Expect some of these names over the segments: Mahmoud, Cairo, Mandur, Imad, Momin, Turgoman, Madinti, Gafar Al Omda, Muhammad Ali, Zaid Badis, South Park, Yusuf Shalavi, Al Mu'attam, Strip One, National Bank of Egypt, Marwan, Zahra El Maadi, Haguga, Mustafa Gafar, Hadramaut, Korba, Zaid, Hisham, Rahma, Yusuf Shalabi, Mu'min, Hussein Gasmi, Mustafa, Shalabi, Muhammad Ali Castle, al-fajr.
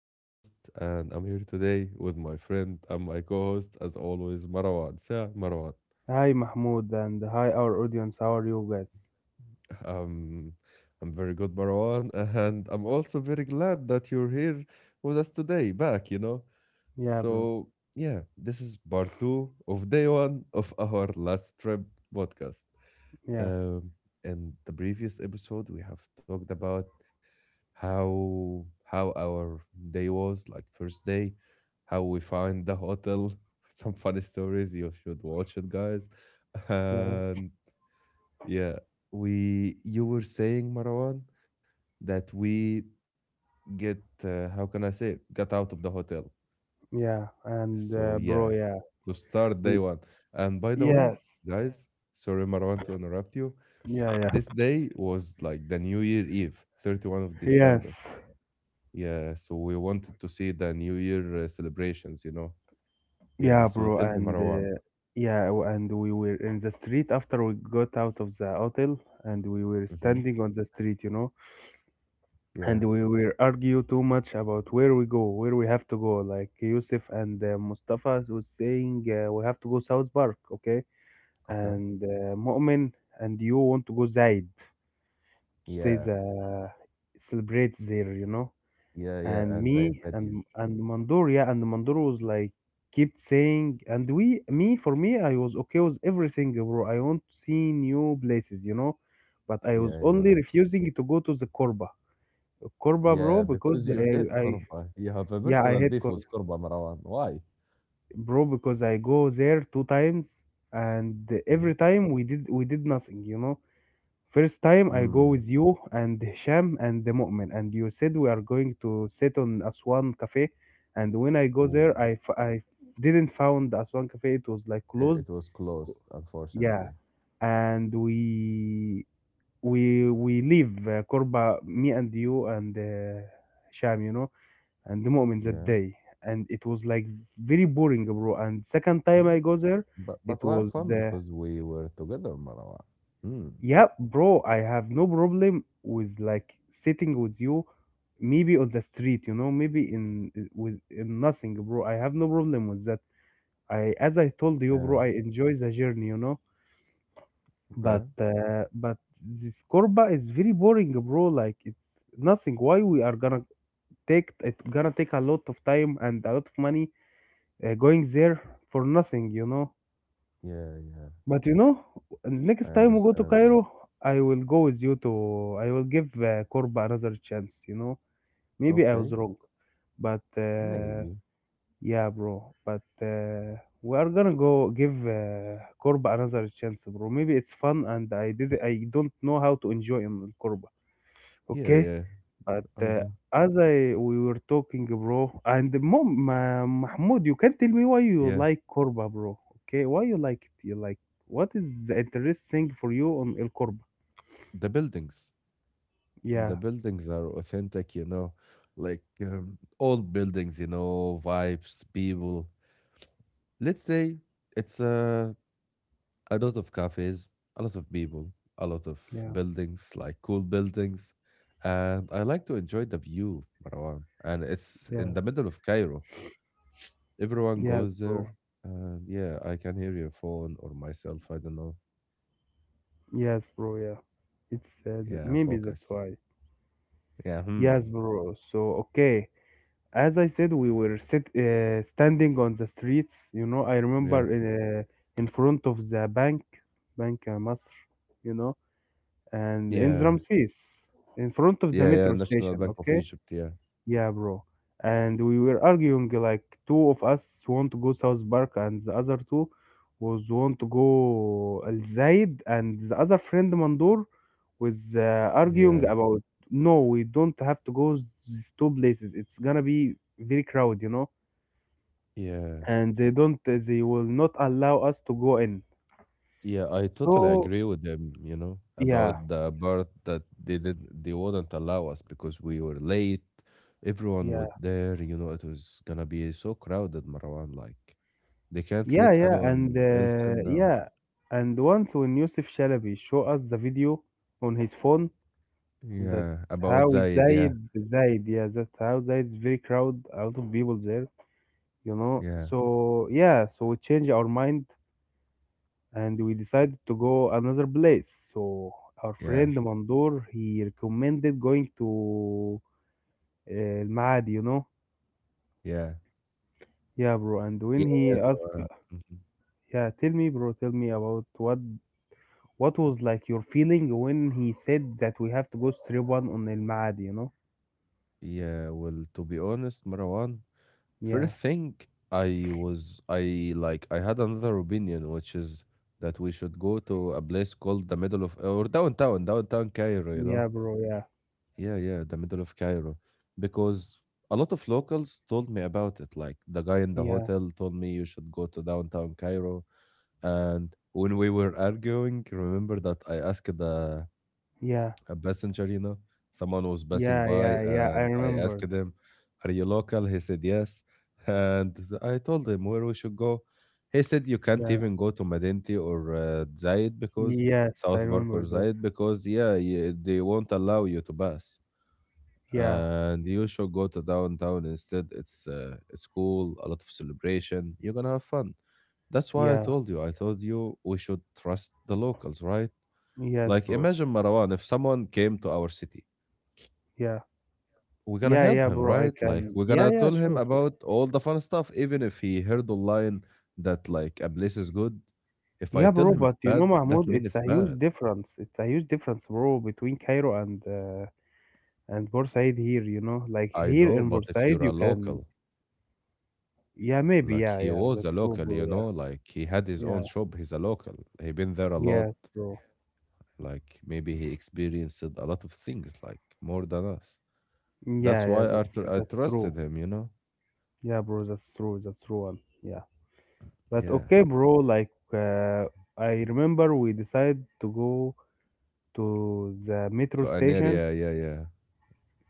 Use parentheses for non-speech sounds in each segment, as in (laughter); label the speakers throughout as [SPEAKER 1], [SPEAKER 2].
[SPEAKER 1] your host, and I'm here today with my friend and my co host, as always, Marwan. Say, Marwan.
[SPEAKER 2] Hi Mahmoud and hi our audience. How are you guys?
[SPEAKER 1] Um, I'm very good, Marwan, and I'm also very glad that you're here with us today, back, you know?
[SPEAKER 2] Yeah, bro.
[SPEAKER 1] So, yeah, this is part two of day one of our last trip podcast.
[SPEAKER 2] Yeah,
[SPEAKER 1] Um, in the previous episode, we have talked about how our day was like first day how we find the hotel (laughs) some funny stories you should watch it guys (laughs)
[SPEAKER 2] yeah,
[SPEAKER 1] and yeah we you were saying, Marwan, that we get how can I say it, got out of the hotel.
[SPEAKER 2] yeah.
[SPEAKER 1] So, yeah,
[SPEAKER 2] Yeah.
[SPEAKER 1] to start
[SPEAKER 2] We
[SPEAKER 1] day one, and by the way,
[SPEAKER 2] yes.
[SPEAKER 1] guys, sorry, Marwan, to interrupt you,
[SPEAKER 2] Yeah, yeah.
[SPEAKER 1] this day was like the New Year Eve, 31 of
[SPEAKER 2] Yes.
[SPEAKER 1] December. Yeah, so we wanted to see the New Year celebrations, you know. Yeah,
[SPEAKER 2] Yeah,
[SPEAKER 1] so
[SPEAKER 2] bro.
[SPEAKER 1] tell me,
[SPEAKER 2] And
[SPEAKER 1] Marwan.
[SPEAKER 2] yeah, and we were in the street after we got out of the hotel, and we were
[SPEAKER 1] Mm-hmm.
[SPEAKER 2] standing on the street, you know,
[SPEAKER 1] Yeah.
[SPEAKER 2] and we were argue too much about where we go, where we have to go. Like Yusuf and Mustafa was saying, we have to go South Park, okay?
[SPEAKER 1] Okay.
[SPEAKER 2] and Mu'min and you want to go Zaid to say
[SPEAKER 1] Yeah.
[SPEAKER 2] the celebrate there, you know.
[SPEAKER 1] Yeah.
[SPEAKER 2] And
[SPEAKER 1] Yeah. And
[SPEAKER 2] me
[SPEAKER 1] Zaid
[SPEAKER 2] and
[SPEAKER 1] Badis.
[SPEAKER 2] and Mandur, yeah, and Mandur was like kept saying, me for me, I was okay with everything, bro. I want to see new places, you know, but I was
[SPEAKER 1] Yeah.
[SPEAKER 2] only
[SPEAKER 1] Yeah.
[SPEAKER 2] refusing to go to the Korba, bro,
[SPEAKER 1] Yeah.
[SPEAKER 2] because
[SPEAKER 1] Because
[SPEAKER 2] I,
[SPEAKER 1] you (laughs) hate
[SPEAKER 2] I
[SPEAKER 1] Korba. You have a
[SPEAKER 2] yeah, I
[SPEAKER 1] personal
[SPEAKER 2] hate
[SPEAKER 1] beef with
[SPEAKER 2] Korba,
[SPEAKER 1] Korba, Marwan. Why?
[SPEAKER 2] bro, because I go there two times, and
[SPEAKER 1] Yeah.
[SPEAKER 2] every time we did nothing, you know. First time I go with
[SPEAKER 1] Hmm.
[SPEAKER 2] you and Hisham and the Mu'min, and you said we are going to sit on Aswan Cafe. And when I go there,
[SPEAKER 1] Oh,
[SPEAKER 2] I didn't found Aswan Cafe. It was like
[SPEAKER 1] it,
[SPEAKER 2] closed.
[SPEAKER 1] it was closed,
[SPEAKER 2] Yeah,
[SPEAKER 1] unfortunately.
[SPEAKER 2] and we leave Korba, me and you and Hisham, you know, and the Mu'min that
[SPEAKER 1] Yeah.
[SPEAKER 2] day. And it was like very boring, bro. And second time I
[SPEAKER 1] Mm.
[SPEAKER 2] go there,
[SPEAKER 1] But
[SPEAKER 2] it
[SPEAKER 1] but why
[SPEAKER 2] was.
[SPEAKER 1] fun? Because we were together, Marwan. Hmm.
[SPEAKER 2] Yeah, bro, I have no problem with like sitting with you, maybe on the street, you know, maybe in with in nothing, bro. I have no problem with that. As I told you,
[SPEAKER 1] Yeah.
[SPEAKER 2] bro, I enjoy the journey, you know,
[SPEAKER 1] Okay.
[SPEAKER 2] but this Corba is very boring, bro. Like it's nothing. Why we are gonna take it gonna take a lot of time and a lot of money going there for nothing, you know?
[SPEAKER 1] Yeah. Yeah.
[SPEAKER 2] But you know,
[SPEAKER 1] I
[SPEAKER 2] next time we go to
[SPEAKER 1] understand you.
[SPEAKER 2] Cairo, I will go with you to. I will give Korba another chance. You know, maybe I was
[SPEAKER 1] Okay.
[SPEAKER 2] wrong, but
[SPEAKER 1] Maybe.
[SPEAKER 2] yeah, bro. But we are gonna go give Korba another chance, bro. Maybe it's fun, and I did. I don't know how to enjoy in Korba.
[SPEAKER 1] Yeah,
[SPEAKER 2] Okay.
[SPEAKER 1] yeah,
[SPEAKER 2] But
[SPEAKER 1] I know.
[SPEAKER 2] as I we were talking, bro, and Mahmoud, you can tell me why you
[SPEAKER 1] Yeah,
[SPEAKER 2] like Korba, bro. Okay, why you like it? You like what is the interesting for you on el Korba?
[SPEAKER 1] the buildings, the
[SPEAKER 2] Yeah,
[SPEAKER 1] buildings are authentic, you know, like old buildings, vibes, people. Let's say it's a lot of cafes, a lot of people, a lot of
[SPEAKER 2] yeah,
[SPEAKER 1] buildings, like cool buildings. And I like to enjoy the view, Marwan. And it's
[SPEAKER 2] yes,
[SPEAKER 1] in the middle of Cairo. Everyone
[SPEAKER 2] yes,
[SPEAKER 1] goes
[SPEAKER 2] bro,
[SPEAKER 1] there. And yeah, I can hear your phone or myself. I don't know.
[SPEAKER 2] yes, bro, yeah.
[SPEAKER 1] Yeah,
[SPEAKER 2] Maybe that's
[SPEAKER 1] focus.
[SPEAKER 2] why.
[SPEAKER 1] Yeah, hmm.
[SPEAKER 2] Yes, bro. So okay, as I said, we were sit standing on the streets. You know, I remember
[SPEAKER 1] Yeah.
[SPEAKER 2] in front of the bank, Bank Masr. You know. And in
[SPEAKER 1] Yeah,
[SPEAKER 2] Ramses, in front
[SPEAKER 1] yeah,
[SPEAKER 2] of the
[SPEAKER 1] yeah,
[SPEAKER 2] metro
[SPEAKER 1] National Bank
[SPEAKER 2] station,
[SPEAKER 1] of
[SPEAKER 2] okay?
[SPEAKER 1] Egypt, yeah.
[SPEAKER 2] Yeah, bro. And we were arguing like two of us want to go South Park and the other two was want to go Al Zaid and the other friend Mandur was arguing
[SPEAKER 1] Yeah,
[SPEAKER 2] about no, we don't have to go these two places. It's gonna be very crowded, you know?
[SPEAKER 1] yeah.
[SPEAKER 2] And they will not allow us to go in.
[SPEAKER 1] Yeah, I totally
[SPEAKER 2] So,
[SPEAKER 1] agree with them, you know, about
[SPEAKER 2] yeah,
[SPEAKER 1] the part that they did they wouldn't allow us because we were late. Everyone was
[SPEAKER 2] yeah.
[SPEAKER 1] there, you know, it was gonna be so crowded, Marwan, like they can't
[SPEAKER 2] Yeah,
[SPEAKER 1] let
[SPEAKER 2] yeah, and
[SPEAKER 1] anyone else in now.
[SPEAKER 2] yeah, and once when Yusuf Shalabi show us the video on his phone that
[SPEAKER 1] Yeah,
[SPEAKER 2] how
[SPEAKER 1] about Zayed,
[SPEAKER 2] Zaid
[SPEAKER 1] yeah,
[SPEAKER 2] Zaid, yeah, that how Zaid very crowd, a lot of people there, you know.
[SPEAKER 1] yeah,
[SPEAKER 2] So yeah, so we changed our mind and we decided to go another place. So our
[SPEAKER 1] yeah,
[SPEAKER 2] friend Mandoor he recommended going to Al Maad, you know.
[SPEAKER 1] yeah.
[SPEAKER 2] Yeah, bro. And when
[SPEAKER 1] Yeah,
[SPEAKER 2] he
[SPEAKER 1] so,
[SPEAKER 2] asked,
[SPEAKER 1] mhm.
[SPEAKER 2] yeah, tell me, bro, tell me about what was like your feeling when he said that we have to go strip one on El Maad, you know?
[SPEAKER 1] yeah, well, to be honest, Marwan,
[SPEAKER 2] Yeah,
[SPEAKER 1] first thing, I was I like I had another opinion, which is that we should go to a place called the middle of or downtown Cairo, you
[SPEAKER 2] yeah,
[SPEAKER 1] know?
[SPEAKER 2] bro, yeah,
[SPEAKER 1] Yeah, yeah, the middle of Cairo. Because a lot of locals told me about it. Like the guy in the
[SPEAKER 2] yeah,
[SPEAKER 1] hotel told me you should go to downtown Cairo. And when we were arguing, remember that I asked the
[SPEAKER 2] yeah,
[SPEAKER 1] a passenger. Someone was passing
[SPEAKER 2] yeah,
[SPEAKER 1] by
[SPEAKER 2] yeah, yeah. I
[SPEAKER 1] and I asked
[SPEAKER 2] remember.
[SPEAKER 1] him, are you local? He said, yes. And I told him where we should go. He said, you can't
[SPEAKER 2] Yeah,
[SPEAKER 1] even go to Madinti or Zayed because
[SPEAKER 2] yes, I remember that.
[SPEAKER 1] Yeah, they won't allow you to pass.
[SPEAKER 2] Yeah,
[SPEAKER 1] And you should go to downtown instead. It's, it's cool, a lot of celebration. You're going to have fun. That's why I
[SPEAKER 2] yeah,
[SPEAKER 1] told you. I told you we should trust the locals, right?
[SPEAKER 2] yes,
[SPEAKER 1] Like,
[SPEAKER 2] bro.
[SPEAKER 1] imagine, Marwan, if someone came to our city,
[SPEAKER 2] Yeah,
[SPEAKER 1] we're gonna
[SPEAKER 2] yeah, yeah,
[SPEAKER 1] help him,
[SPEAKER 2] bro. I
[SPEAKER 1] right? Yeah, like yeah,
[SPEAKER 2] can.
[SPEAKER 1] we're
[SPEAKER 2] Yeah,
[SPEAKER 1] gonna
[SPEAKER 2] yeah,
[SPEAKER 1] tell
[SPEAKER 2] sure,
[SPEAKER 1] him
[SPEAKER 2] sure.
[SPEAKER 1] about all the fun stuff, even if he heard online that like a place is good. If I
[SPEAKER 2] Yeah,
[SPEAKER 1] tell
[SPEAKER 2] bro.
[SPEAKER 1] him it's
[SPEAKER 2] But you
[SPEAKER 1] bad,
[SPEAKER 2] know,
[SPEAKER 1] that
[SPEAKER 2] Mahmoud,
[SPEAKER 1] means
[SPEAKER 2] it's
[SPEAKER 1] it's
[SPEAKER 2] a
[SPEAKER 1] bad.
[SPEAKER 2] huge difference. It's a huge difference, bro, between Cairo and Bursaid here. You know, like
[SPEAKER 1] I
[SPEAKER 2] here
[SPEAKER 1] know,
[SPEAKER 2] in
[SPEAKER 1] but if
[SPEAKER 2] Bursaid,
[SPEAKER 1] you're
[SPEAKER 2] you
[SPEAKER 1] a
[SPEAKER 2] can.
[SPEAKER 1] local,
[SPEAKER 2] Yeah, maybe.
[SPEAKER 1] like
[SPEAKER 2] Yeah,
[SPEAKER 1] he
[SPEAKER 2] yeah.
[SPEAKER 1] was
[SPEAKER 2] That's
[SPEAKER 1] a
[SPEAKER 2] true,
[SPEAKER 1] local,
[SPEAKER 2] bro.
[SPEAKER 1] you
[SPEAKER 2] Yeah.
[SPEAKER 1] know, like he had his
[SPEAKER 2] Yeah.
[SPEAKER 1] own shop, he's a local. He been there a lot.
[SPEAKER 2] Yes, bro.
[SPEAKER 1] Like maybe he experienced a lot of things, like more than us. That's
[SPEAKER 2] Yeah, yeah,
[SPEAKER 1] why I, tr- I
[SPEAKER 2] that's
[SPEAKER 1] trusted
[SPEAKER 2] true.
[SPEAKER 1] him, you know?
[SPEAKER 2] Yeah, bro, that's true. That's true one. Yeah. But
[SPEAKER 1] Yeah.
[SPEAKER 2] okay, bro, I remember we decided to go to the metro
[SPEAKER 1] To an
[SPEAKER 2] station.
[SPEAKER 1] area, yeah, yeah.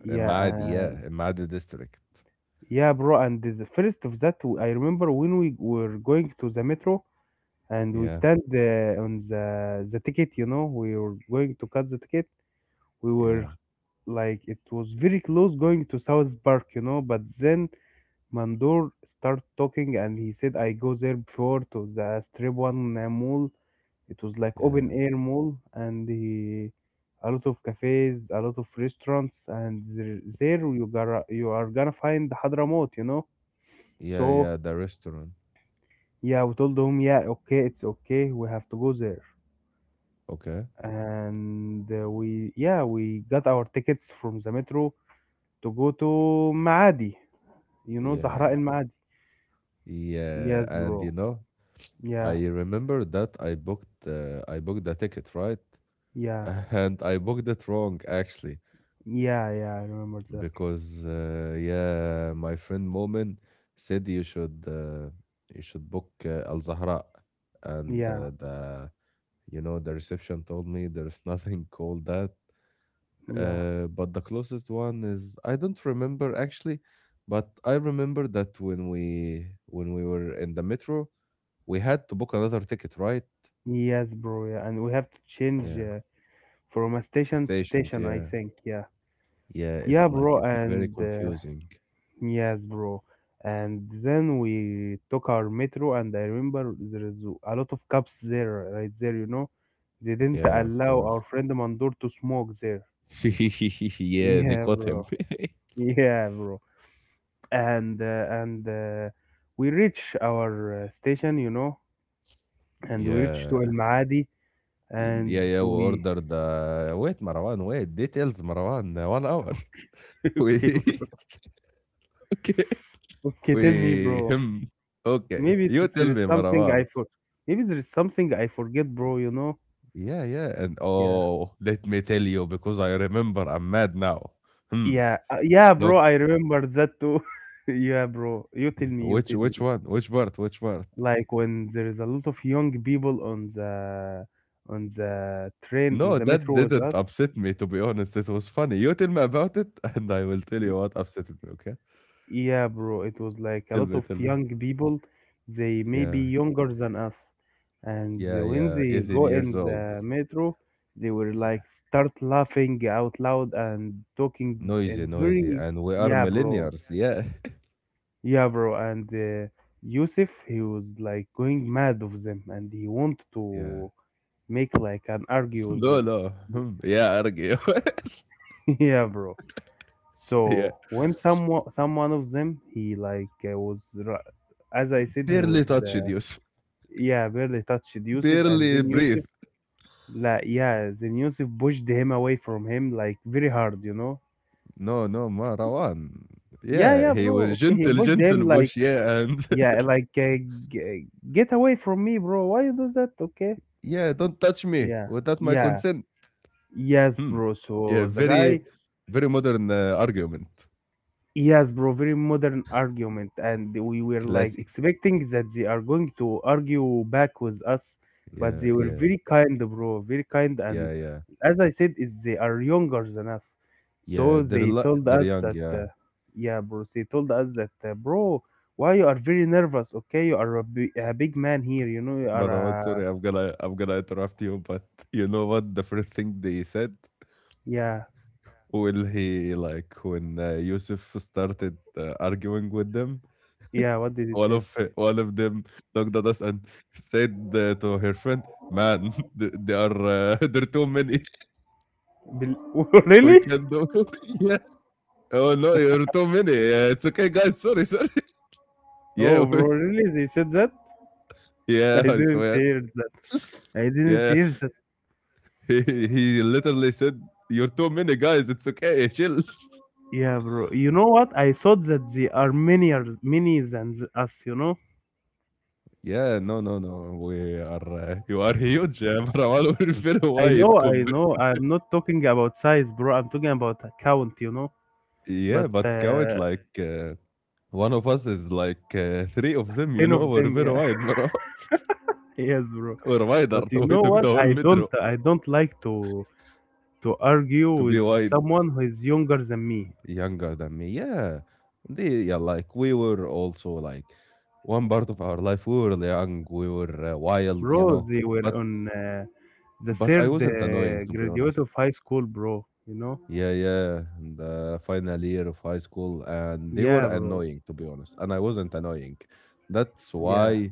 [SPEAKER 2] Yeah,
[SPEAKER 1] Imad, yeah. Imad district.
[SPEAKER 2] yeah, bro, and the first of that, I remember when we were going to the metro and we
[SPEAKER 1] Yeah,
[SPEAKER 2] stand on the ticket, you know, we were going to cut the ticket. We
[SPEAKER 1] yeah.
[SPEAKER 2] were like it was very close going to South Park, you know, but then Mandor started talking and he said I go there before to the strip one mall. It was like open
[SPEAKER 1] Yeah,
[SPEAKER 2] air mall and he, a lot of cafes, a lot of restaurants, and there you are gonna find Hadramaut, you know.
[SPEAKER 1] yeah,
[SPEAKER 2] So
[SPEAKER 1] yeah, the restaurant.
[SPEAKER 2] yeah, we told him yeah, okay, it's okay, we have to go there,
[SPEAKER 1] Okay.
[SPEAKER 2] and we yeah we got our tickets from the metro to go to Maadi, you know, Zahra
[SPEAKER 1] Yeah,
[SPEAKER 2] El Maadi.
[SPEAKER 1] yeah,
[SPEAKER 2] Yes,
[SPEAKER 1] and
[SPEAKER 2] bro. Yeah,
[SPEAKER 1] I remember that I booked the ticket, right? (laughs)
[SPEAKER 2] yeah.
[SPEAKER 1] And I booked it wrong actually
[SPEAKER 2] Yeah, yeah, I remember that.
[SPEAKER 1] because yeah, my friend Momin said you should book Al Zahra and
[SPEAKER 2] Yeah,
[SPEAKER 1] the you know the reception told me there's nothing (laughs) called that.
[SPEAKER 2] yeah.
[SPEAKER 1] But the closest one is I don't remember actually, but I remember that when we were in the metro, we had to book another ticket, right?
[SPEAKER 2] Yes, bro. Yeah. And we have to change
[SPEAKER 1] Yeah,
[SPEAKER 2] from a station to
[SPEAKER 1] stations.
[SPEAKER 2] station, I
[SPEAKER 1] Yeah,
[SPEAKER 2] think. Yeah.
[SPEAKER 1] yeah.
[SPEAKER 2] Yeah,
[SPEAKER 1] It's like
[SPEAKER 2] bro.
[SPEAKER 1] it's very
[SPEAKER 2] And
[SPEAKER 1] confusing.
[SPEAKER 2] yes, bro. And then we took our metro, and I remember there is a lot of cops there, right there, you know. They didn't
[SPEAKER 1] Yeah, of
[SPEAKER 2] allow
[SPEAKER 1] course.
[SPEAKER 2] our friend Mandur to smoke there. (laughs)
[SPEAKER 1] (laughs) Yeah, they
[SPEAKER 2] Yeah,
[SPEAKER 1] caught him.
[SPEAKER 2] bro. Yeah, bro. And we reach our station, you know,
[SPEAKER 1] (laughs)
[SPEAKER 2] and we reach to El
[SPEAKER 1] Yeah,
[SPEAKER 2] Maadi
[SPEAKER 1] yeah,
[SPEAKER 2] and
[SPEAKER 1] yeah. We
[SPEAKER 2] we
[SPEAKER 1] ordered the. Wait, Marwan. Wait, details, Marwan. 1 hour.
[SPEAKER 2] (laughs)
[SPEAKER 1] (laughs) We
[SPEAKER 2] okay, bro.
[SPEAKER 1] (laughs) okay.
[SPEAKER 2] Okay, tell me,
[SPEAKER 1] We
[SPEAKER 2] bro.
[SPEAKER 1] him. Okay,
[SPEAKER 2] maybe
[SPEAKER 1] you
[SPEAKER 2] s-
[SPEAKER 1] tell
[SPEAKER 2] there is
[SPEAKER 1] me,
[SPEAKER 2] something i
[SPEAKER 1] Marwan.
[SPEAKER 2] for Maybe there is something I forget, bro, you know.
[SPEAKER 1] Yeah, yeah. And
[SPEAKER 2] Yeah,
[SPEAKER 1] oh, let me tell you, because I remember I'm mad now. Hmm.
[SPEAKER 2] yeah, yeah, bro,
[SPEAKER 1] Look,
[SPEAKER 2] I remember that too. (laughs) Yeah, bro, you tell
[SPEAKER 1] y-
[SPEAKER 2] me, you
[SPEAKER 1] which
[SPEAKER 2] tell me,
[SPEAKER 1] which one? Which part? Which part?
[SPEAKER 2] like when there is a lot of young people on the train in
[SPEAKER 1] No,
[SPEAKER 2] the
[SPEAKER 1] that
[SPEAKER 2] metro with
[SPEAKER 1] didn't
[SPEAKER 2] us.
[SPEAKER 1] upset me, to be honest. It was funny. You tell me about it, (laughs) and I will tell you what upset me, okay?
[SPEAKER 2] Yeah, bro, it was like a
[SPEAKER 1] Tell
[SPEAKER 2] lot
[SPEAKER 1] me,
[SPEAKER 2] of
[SPEAKER 1] tell me.
[SPEAKER 2] young people, they may be
[SPEAKER 1] Yeah,
[SPEAKER 2] younger than us. And
[SPEAKER 1] yeah,
[SPEAKER 2] the- when
[SPEAKER 1] yeah.
[SPEAKER 2] they
[SPEAKER 1] 18
[SPEAKER 2] go
[SPEAKER 1] years
[SPEAKER 2] in
[SPEAKER 1] old.
[SPEAKER 2] the metro, they will
[SPEAKER 1] Yeah.
[SPEAKER 2] like start laughing out loud and talking
[SPEAKER 1] Noisy,
[SPEAKER 2] and
[SPEAKER 1] noisy.
[SPEAKER 2] very,
[SPEAKER 1] And we are
[SPEAKER 2] yeah, bro,
[SPEAKER 1] millennials. Yeah. (laughs)
[SPEAKER 2] yeah, bro. And Yusuf, he was like going mad of them and he want
[SPEAKER 1] Yeah.
[SPEAKER 2] to make like an argue with
[SPEAKER 1] No,
[SPEAKER 2] them.
[SPEAKER 1] no. Hmm. Yeah, argue.
[SPEAKER 2] (laughs) Yeah, bro.
[SPEAKER 1] (laughs) Yeah.
[SPEAKER 2] So when some one of them he as I said he was
[SPEAKER 1] Barely touched you.
[SPEAKER 2] yeah barely touched
[SPEAKER 1] (laughs)
[SPEAKER 2] Yusuf and
[SPEAKER 1] Barely
[SPEAKER 2] then Yusuf
[SPEAKER 1] breathe.
[SPEAKER 2] la yeah then Yusuf pushed him away from him like very hard, you know.
[SPEAKER 1] No, no, Marwan.
[SPEAKER 2] Yeah, yeah,
[SPEAKER 1] Yeah, he
[SPEAKER 2] bro,
[SPEAKER 1] was
[SPEAKER 2] okay, he
[SPEAKER 1] gentle,
[SPEAKER 2] pushed
[SPEAKER 1] gentle
[SPEAKER 2] him like
[SPEAKER 1] bush. Yeah, and (laughs)
[SPEAKER 2] yeah, like g- get away from me, bro, why you do that, okay,
[SPEAKER 1] yeah, don't touch me
[SPEAKER 2] yeah,
[SPEAKER 1] without my
[SPEAKER 2] yeah,
[SPEAKER 1] consent.
[SPEAKER 2] yes,
[SPEAKER 1] Hmm.
[SPEAKER 2] bro,
[SPEAKER 1] Yeah,
[SPEAKER 2] so the
[SPEAKER 1] very,
[SPEAKER 2] guy.
[SPEAKER 1] very modern argument.
[SPEAKER 2] Yes, bro, very modern argument, and we were like
[SPEAKER 1] Classy.
[SPEAKER 2] expecting that they are going to argue back with us, but
[SPEAKER 1] Yeah,
[SPEAKER 2] they were
[SPEAKER 1] yeah,
[SPEAKER 2] very kind, bro, very kind, and
[SPEAKER 1] yeah, yeah,
[SPEAKER 2] as I said, is they are younger than us,
[SPEAKER 1] yeah.
[SPEAKER 2] so
[SPEAKER 1] They're
[SPEAKER 2] they
[SPEAKER 1] li-
[SPEAKER 2] told
[SPEAKER 1] they're
[SPEAKER 2] us
[SPEAKER 1] young.
[SPEAKER 2] that,
[SPEAKER 1] Yeah,
[SPEAKER 2] yeah, bro, they told us that, bro, why you are very nervous? Okay, you are a big man here, you know, you are
[SPEAKER 1] Marwan.
[SPEAKER 2] a,
[SPEAKER 1] Sorry, I'm gonna interrupt you, but you know what? The first thing they said.
[SPEAKER 2] yeah,
[SPEAKER 1] Will he like when Yusuf started arguing with them?
[SPEAKER 2] yeah. What did he
[SPEAKER 1] One of
[SPEAKER 2] said?
[SPEAKER 1] (laughs) one of them looked at us and said to her friend, "Man, (laughs) th they are (laughs) there are too many.
[SPEAKER 2] Bel- (laughs)
[SPEAKER 1] (laughs) We
[SPEAKER 2] really?
[SPEAKER 1] can't do (laughs) it." Yeah. "Oh, no, you're too many. It's okay, guys. Sorry, sorry." (laughs) Yeah,
[SPEAKER 2] Oh, bro, really? They said that? I
[SPEAKER 1] yeah, I
[SPEAKER 2] didn't
[SPEAKER 1] swear.
[SPEAKER 2] hear that. I didn't
[SPEAKER 1] Yeah,
[SPEAKER 2] hear that.
[SPEAKER 1] (laughs) he he literally said, "You're too many, guys. It's okay. Chill." (laughs)
[SPEAKER 2] Yeah, bro. You know what? I thought that they are many us, you know?
[SPEAKER 1] Yeah, no, no, no. We are you are huge, (laughs) Marwan. We're very
[SPEAKER 2] I
[SPEAKER 1] wide
[SPEAKER 2] know, I
[SPEAKER 1] compared.
[SPEAKER 2] know. I'm not talking about size, bro. I'm talking about account, you know?
[SPEAKER 1] Yeah,
[SPEAKER 2] But
[SPEAKER 1] but count like. One of us is like three of them, you
[SPEAKER 2] 10 of
[SPEAKER 1] know, we're
[SPEAKER 2] them,
[SPEAKER 1] very
[SPEAKER 2] yeah.
[SPEAKER 1] wide, bro.
[SPEAKER 2] (laughs) Yes, bro.
[SPEAKER 1] Or reminder,
[SPEAKER 2] But
[SPEAKER 1] (laughs)
[SPEAKER 2] you
[SPEAKER 1] we
[SPEAKER 2] know
[SPEAKER 1] took
[SPEAKER 2] what?
[SPEAKER 1] the whole (laughs) metro
[SPEAKER 2] I don't like to argue
[SPEAKER 1] to be
[SPEAKER 2] with
[SPEAKER 1] wide
[SPEAKER 2] someone who is younger than me.
[SPEAKER 1] younger than me. Yeah. They, yeah, like we were also like one part of our life. We were young, we were wild, you
[SPEAKER 2] Bro,
[SPEAKER 1] know.
[SPEAKER 2] they were
[SPEAKER 1] But
[SPEAKER 2] on the
[SPEAKER 1] but I
[SPEAKER 2] third
[SPEAKER 1] wasn't annoying to be
[SPEAKER 2] graduate
[SPEAKER 1] honest.
[SPEAKER 2] of high school, bro, you know?
[SPEAKER 1] Yeah, yeah. And the final year of high school, and they were
[SPEAKER 2] Yeah, bro.
[SPEAKER 1] annoying to be honest, and I wasn't annoying. That's
[SPEAKER 2] Yeah.
[SPEAKER 1] why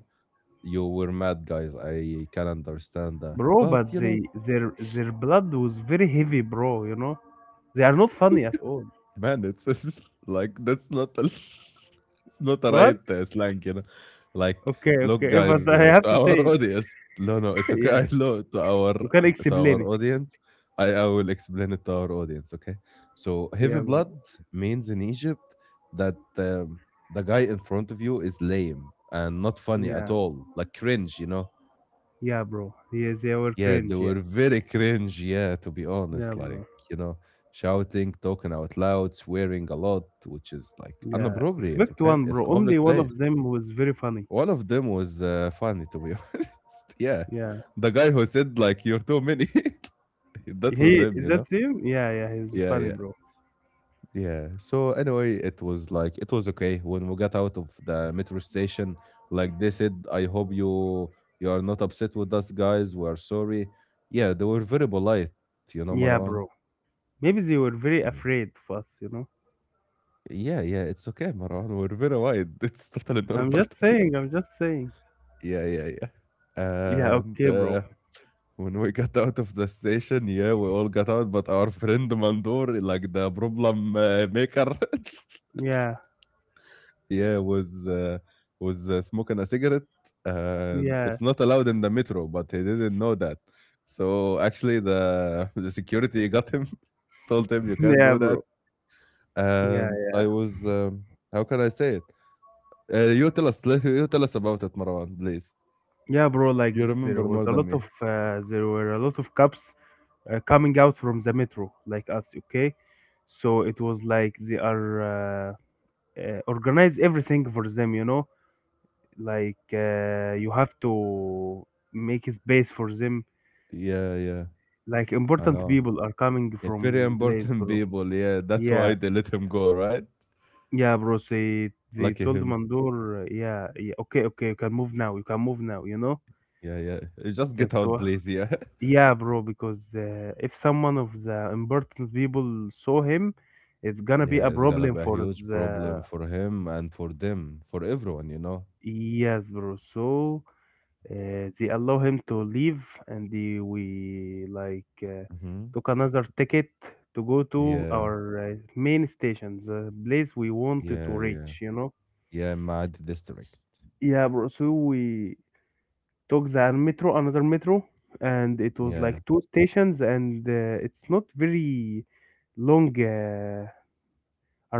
[SPEAKER 1] you were mad, guys. I can understand that.
[SPEAKER 2] Bro,
[SPEAKER 1] But
[SPEAKER 2] but
[SPEAKER 1] you
[SPEAKER 2] they
[SPEAKER 1] know,
[SPEAKER 2] their blood was very heavy, bro, you know? They are not funny at all.
[SPEAKER 1] man, it's, (laughs) it's like that's not a, (laughs) it's not a
[SPEAKER 2] What?
[SPEAKER 1] right slang, you know. Like,
[SPEAKER 2] Okay,
[SPEAKER 1] look,
[SPEAKER 2] okay, (laughs) but
[SPEAKER 1] guys,
[SPEAKER 2] I have
[SPEAKER 1] to
[SPEAKER 2] to
[SPEAKER 1] our
[SPEAKER 2] say
[SPEAKER 1] (laughs)
[SPEAKER 2] it.
[SPEAKER 1] audience. No, no, it's
[SPEAKER 2] (laughs)
[SPEAKER 1] okay.
[SPEAKER 2] Yeah.
[SPEAKER 1] I know to our
[SPEAKER 2] You can explain it.
[SPEAKER 1] audience. I will explain it to our audience. Okay, so heavy
[SPEAKER 2] Yeah, bro.
[SPEAKER 1] blood means in Egypt that the guy in front of you is lame and not funny at
[SPEAKER 2] Yeah.
[SPEAKER 1] all, like cringe.
[SPEAKER 2] Yeah, bro. Yeah, they were
[SPEAKER 1] Yeah, they
[SPEAKER 2] cringe, yeah.
[SPEAKER 1] were very cringe, yeah, to be
[SPEAKER 2] Yeah,
[SPEAKER 1] honest. Like,
[SPEAKER 2] bro.
[SPEAKER 1] you know, shouting, talking out loud, swearing a lot, which is like
[SPEAKER 2] Yeah.
[SPEAKER 1] inappropriate,
[SPEAKER 2] Expect
[SPEAKER 1] okay?
[SPEAKER 2] one,
[SPEAKER 1] It's
[SPEAKER 2] bro.
[SPEAKER 1] a
[SPEAKER 2] Only
[SPEAKER 1] public
[SPEAKER 2] one
[SPEAKER 1] place.
[SPEAKER 2] of them was very funny.
[SPEAKER 1] One of them was funny, to be (laughs) honest. Yeah.
[SPEAKER 2] Yeah.
[SPEAKER 1] The guy who said, like, you're too many. (laughs) That was
[SPEAKER 2] He
[SPEAKER 1] him,
[SPEAKER 2] is
[SPEAKER 1] you know?
[SPEAKER 2] that him? Yeah, yeah, he's
[SPEAKER 1] Yeah,
[SPEAKER 2] funny,
[SPEAKER 1] yeah.
[SPEAKER 2] bro.
[SPEAKER 1] Yeah. So anyway, it was like it was okay when we got out of the metro station. Like they said, I hope you are not upset with us, guys. We are sorry. Yeah, they were very polite. You know,
[SPEAKER 2] Yeah,
[SPEAKER 1] Marwan.
[SPEAKER 2] bro. Maybe they were very
[SPEAKER 1] Mm.
[SPEAKER 2] afraid of us, you know?
[SPEAKER 1] Yeah, yeah, it's okay, Marwan. We're very wide. (laughs) It's totally normal
[SPEAKER 2] I'm
[SPEAKER 1] to
[SPEAKER 2] just
[SPEAKER 1] be.
[SPEAKER 2] saying, I'm just saying.
[SPEAKER 1] Yeah, yeah, yeah.
[SPEAKER 2] Yeah,
[SPEAKER 1] And
[SPEAKER 2] okay, bro.
[SPEAKER 1] when we got out of the station, yeah, we all got out, but our friend Mandur, like the problem maker, (laughs)
[SPEAKER 2] Yeah.
[SPEAKER 1] yeah, was smoking a cigarette, and
[SPEAKER 2] Yeah.
[SPEAKER 1] it's
[SPEAKER 2] (laughs)
[SPEAKER 1] not allowed in the metro, but he didn't know that. So actually, the (laughs) the security got him, (laughs) told him you can't
[SPEAKER 2] Yeah,
[SPEAKER 1] do that,
[SPEAKER 2] bro. Yeah,
[SPEAKER 1] and I was how can I say it? You tell us, (laughs) you tell us about it, Marwan, please.
[SPEAKER 2] yeah, bro. Like
[SPEAKER 1] You remember more than me.
[SPEAKER 2] there were a lot of cops coming out from the metro, like us. Okay, so it was like they are organize everything for them. You know, like you have to make a space for them.
[SPEAKER 1] Yeah, yeah,
[SPEAKER 2] Like
[SPEAKER 1] I
[SPEAKER 2] important
[SPEAKER 1] know.
[SPEAKER 2] people are coming
[SPEAKER 1] Yeah, very
[SPEAKER 2] from place,
[SPEAKER 1] important
[SPEAKER 2] bro.
[SPEAKER 1] people. Yeah, that's
[SPEAKER 2] Yeah,
[SPEAKER 1] why they let him go, right?
[SPEAKER 2] yeah, bro. They
[SPEAKER 1] Lucky
[SPEAKER 2] told
[SPEAKER 1] him.
[SPEAKER 2] Mandor, yeah, yeah, okay, okay, you can move now. You can move now. You know,
[SPEAKER 1] Yeah, yeah. Just get
[SPEAKER 2] that's
[SPEAKER 1] out,
[SPEAKER 2] what.
[SPEAKER 1] please. Yeah. (laughs)
[SPEAKER 2] Yeah, bro, because if someone of the important people saw him, it's gonna be
[SPEAKER 1] Yeah,
[SPEAKER 2] a
[SPEAKER 1] it's gonna
[SPEAKER 2] problem
[SPEAKER 1] be a
[SPEAKER 2] for
[SPEAKER 1] huge problem
[SPEAKER 2] the.
[SPEAKER 1] for him and for them, for everyone, you know?
[SPEAKER 2] Yes, bro. They allow him to leave, and we like
[SPEAKER 1] Mm-hmm.
[SPEAKER 2] took another ticket to go to
[SPEAKER 1] Yeah,
[SPEAKER 2] our main station, the place we wanted to
[SPEAKER 1] yeah, yeah.
[SPEAKER 2] reach, you know?
[SPEAKER 1] Yeah, Maad district.
[SPEAKER 2] Yeah, bro. So we took the metro, another metro, and it was
[SPEAKER 1] Yeah.
[SPEAKER 2] like two stations, and it's not very long.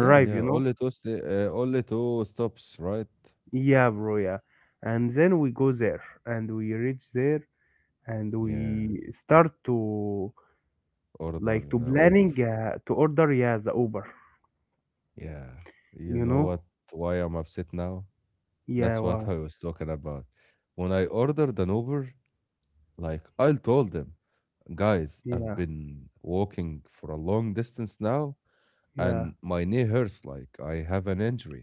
[SPEAKER 1] Yeah,
[SPEAKER 2] you
[SPEAKER 1] yeah.
[SPEAKER 2] know?
[SPEAKER 1] Only two stops, right?
[SPEAKER 2] Yeah, bro, yeah. And then we go there and we reach there and
[SPEAKER 1] Yeah.
[SPEAKER 2] we start to
[SPEAKER 1] Order
[SPEAKER 2] like to
[SPEAKER 1] Uber.
[SPEAKER 2] planning to order yeah the Uber,
[SPEAKER 1] Yeah. You
[SPEAKER 2] you
[SPEAKER 1] know
[SPEAKER 2] know?
[SPEAKER 1] what? Why I'm upset now?
[SPEAKER 2] Yeah,
[SPEAKER 1] That's what
[SPEAKER 2] why?
[SPEAKER 1] I was talking about. When I ordered an Uber, like I told them, guys, I've
[SPEAKER 2] Yeah,
[SPEAKER 1] been walking for a long distance now,
[SPEAKER 2] yeah,
[SPEAKER 1] and my knee hurts like I have an injury.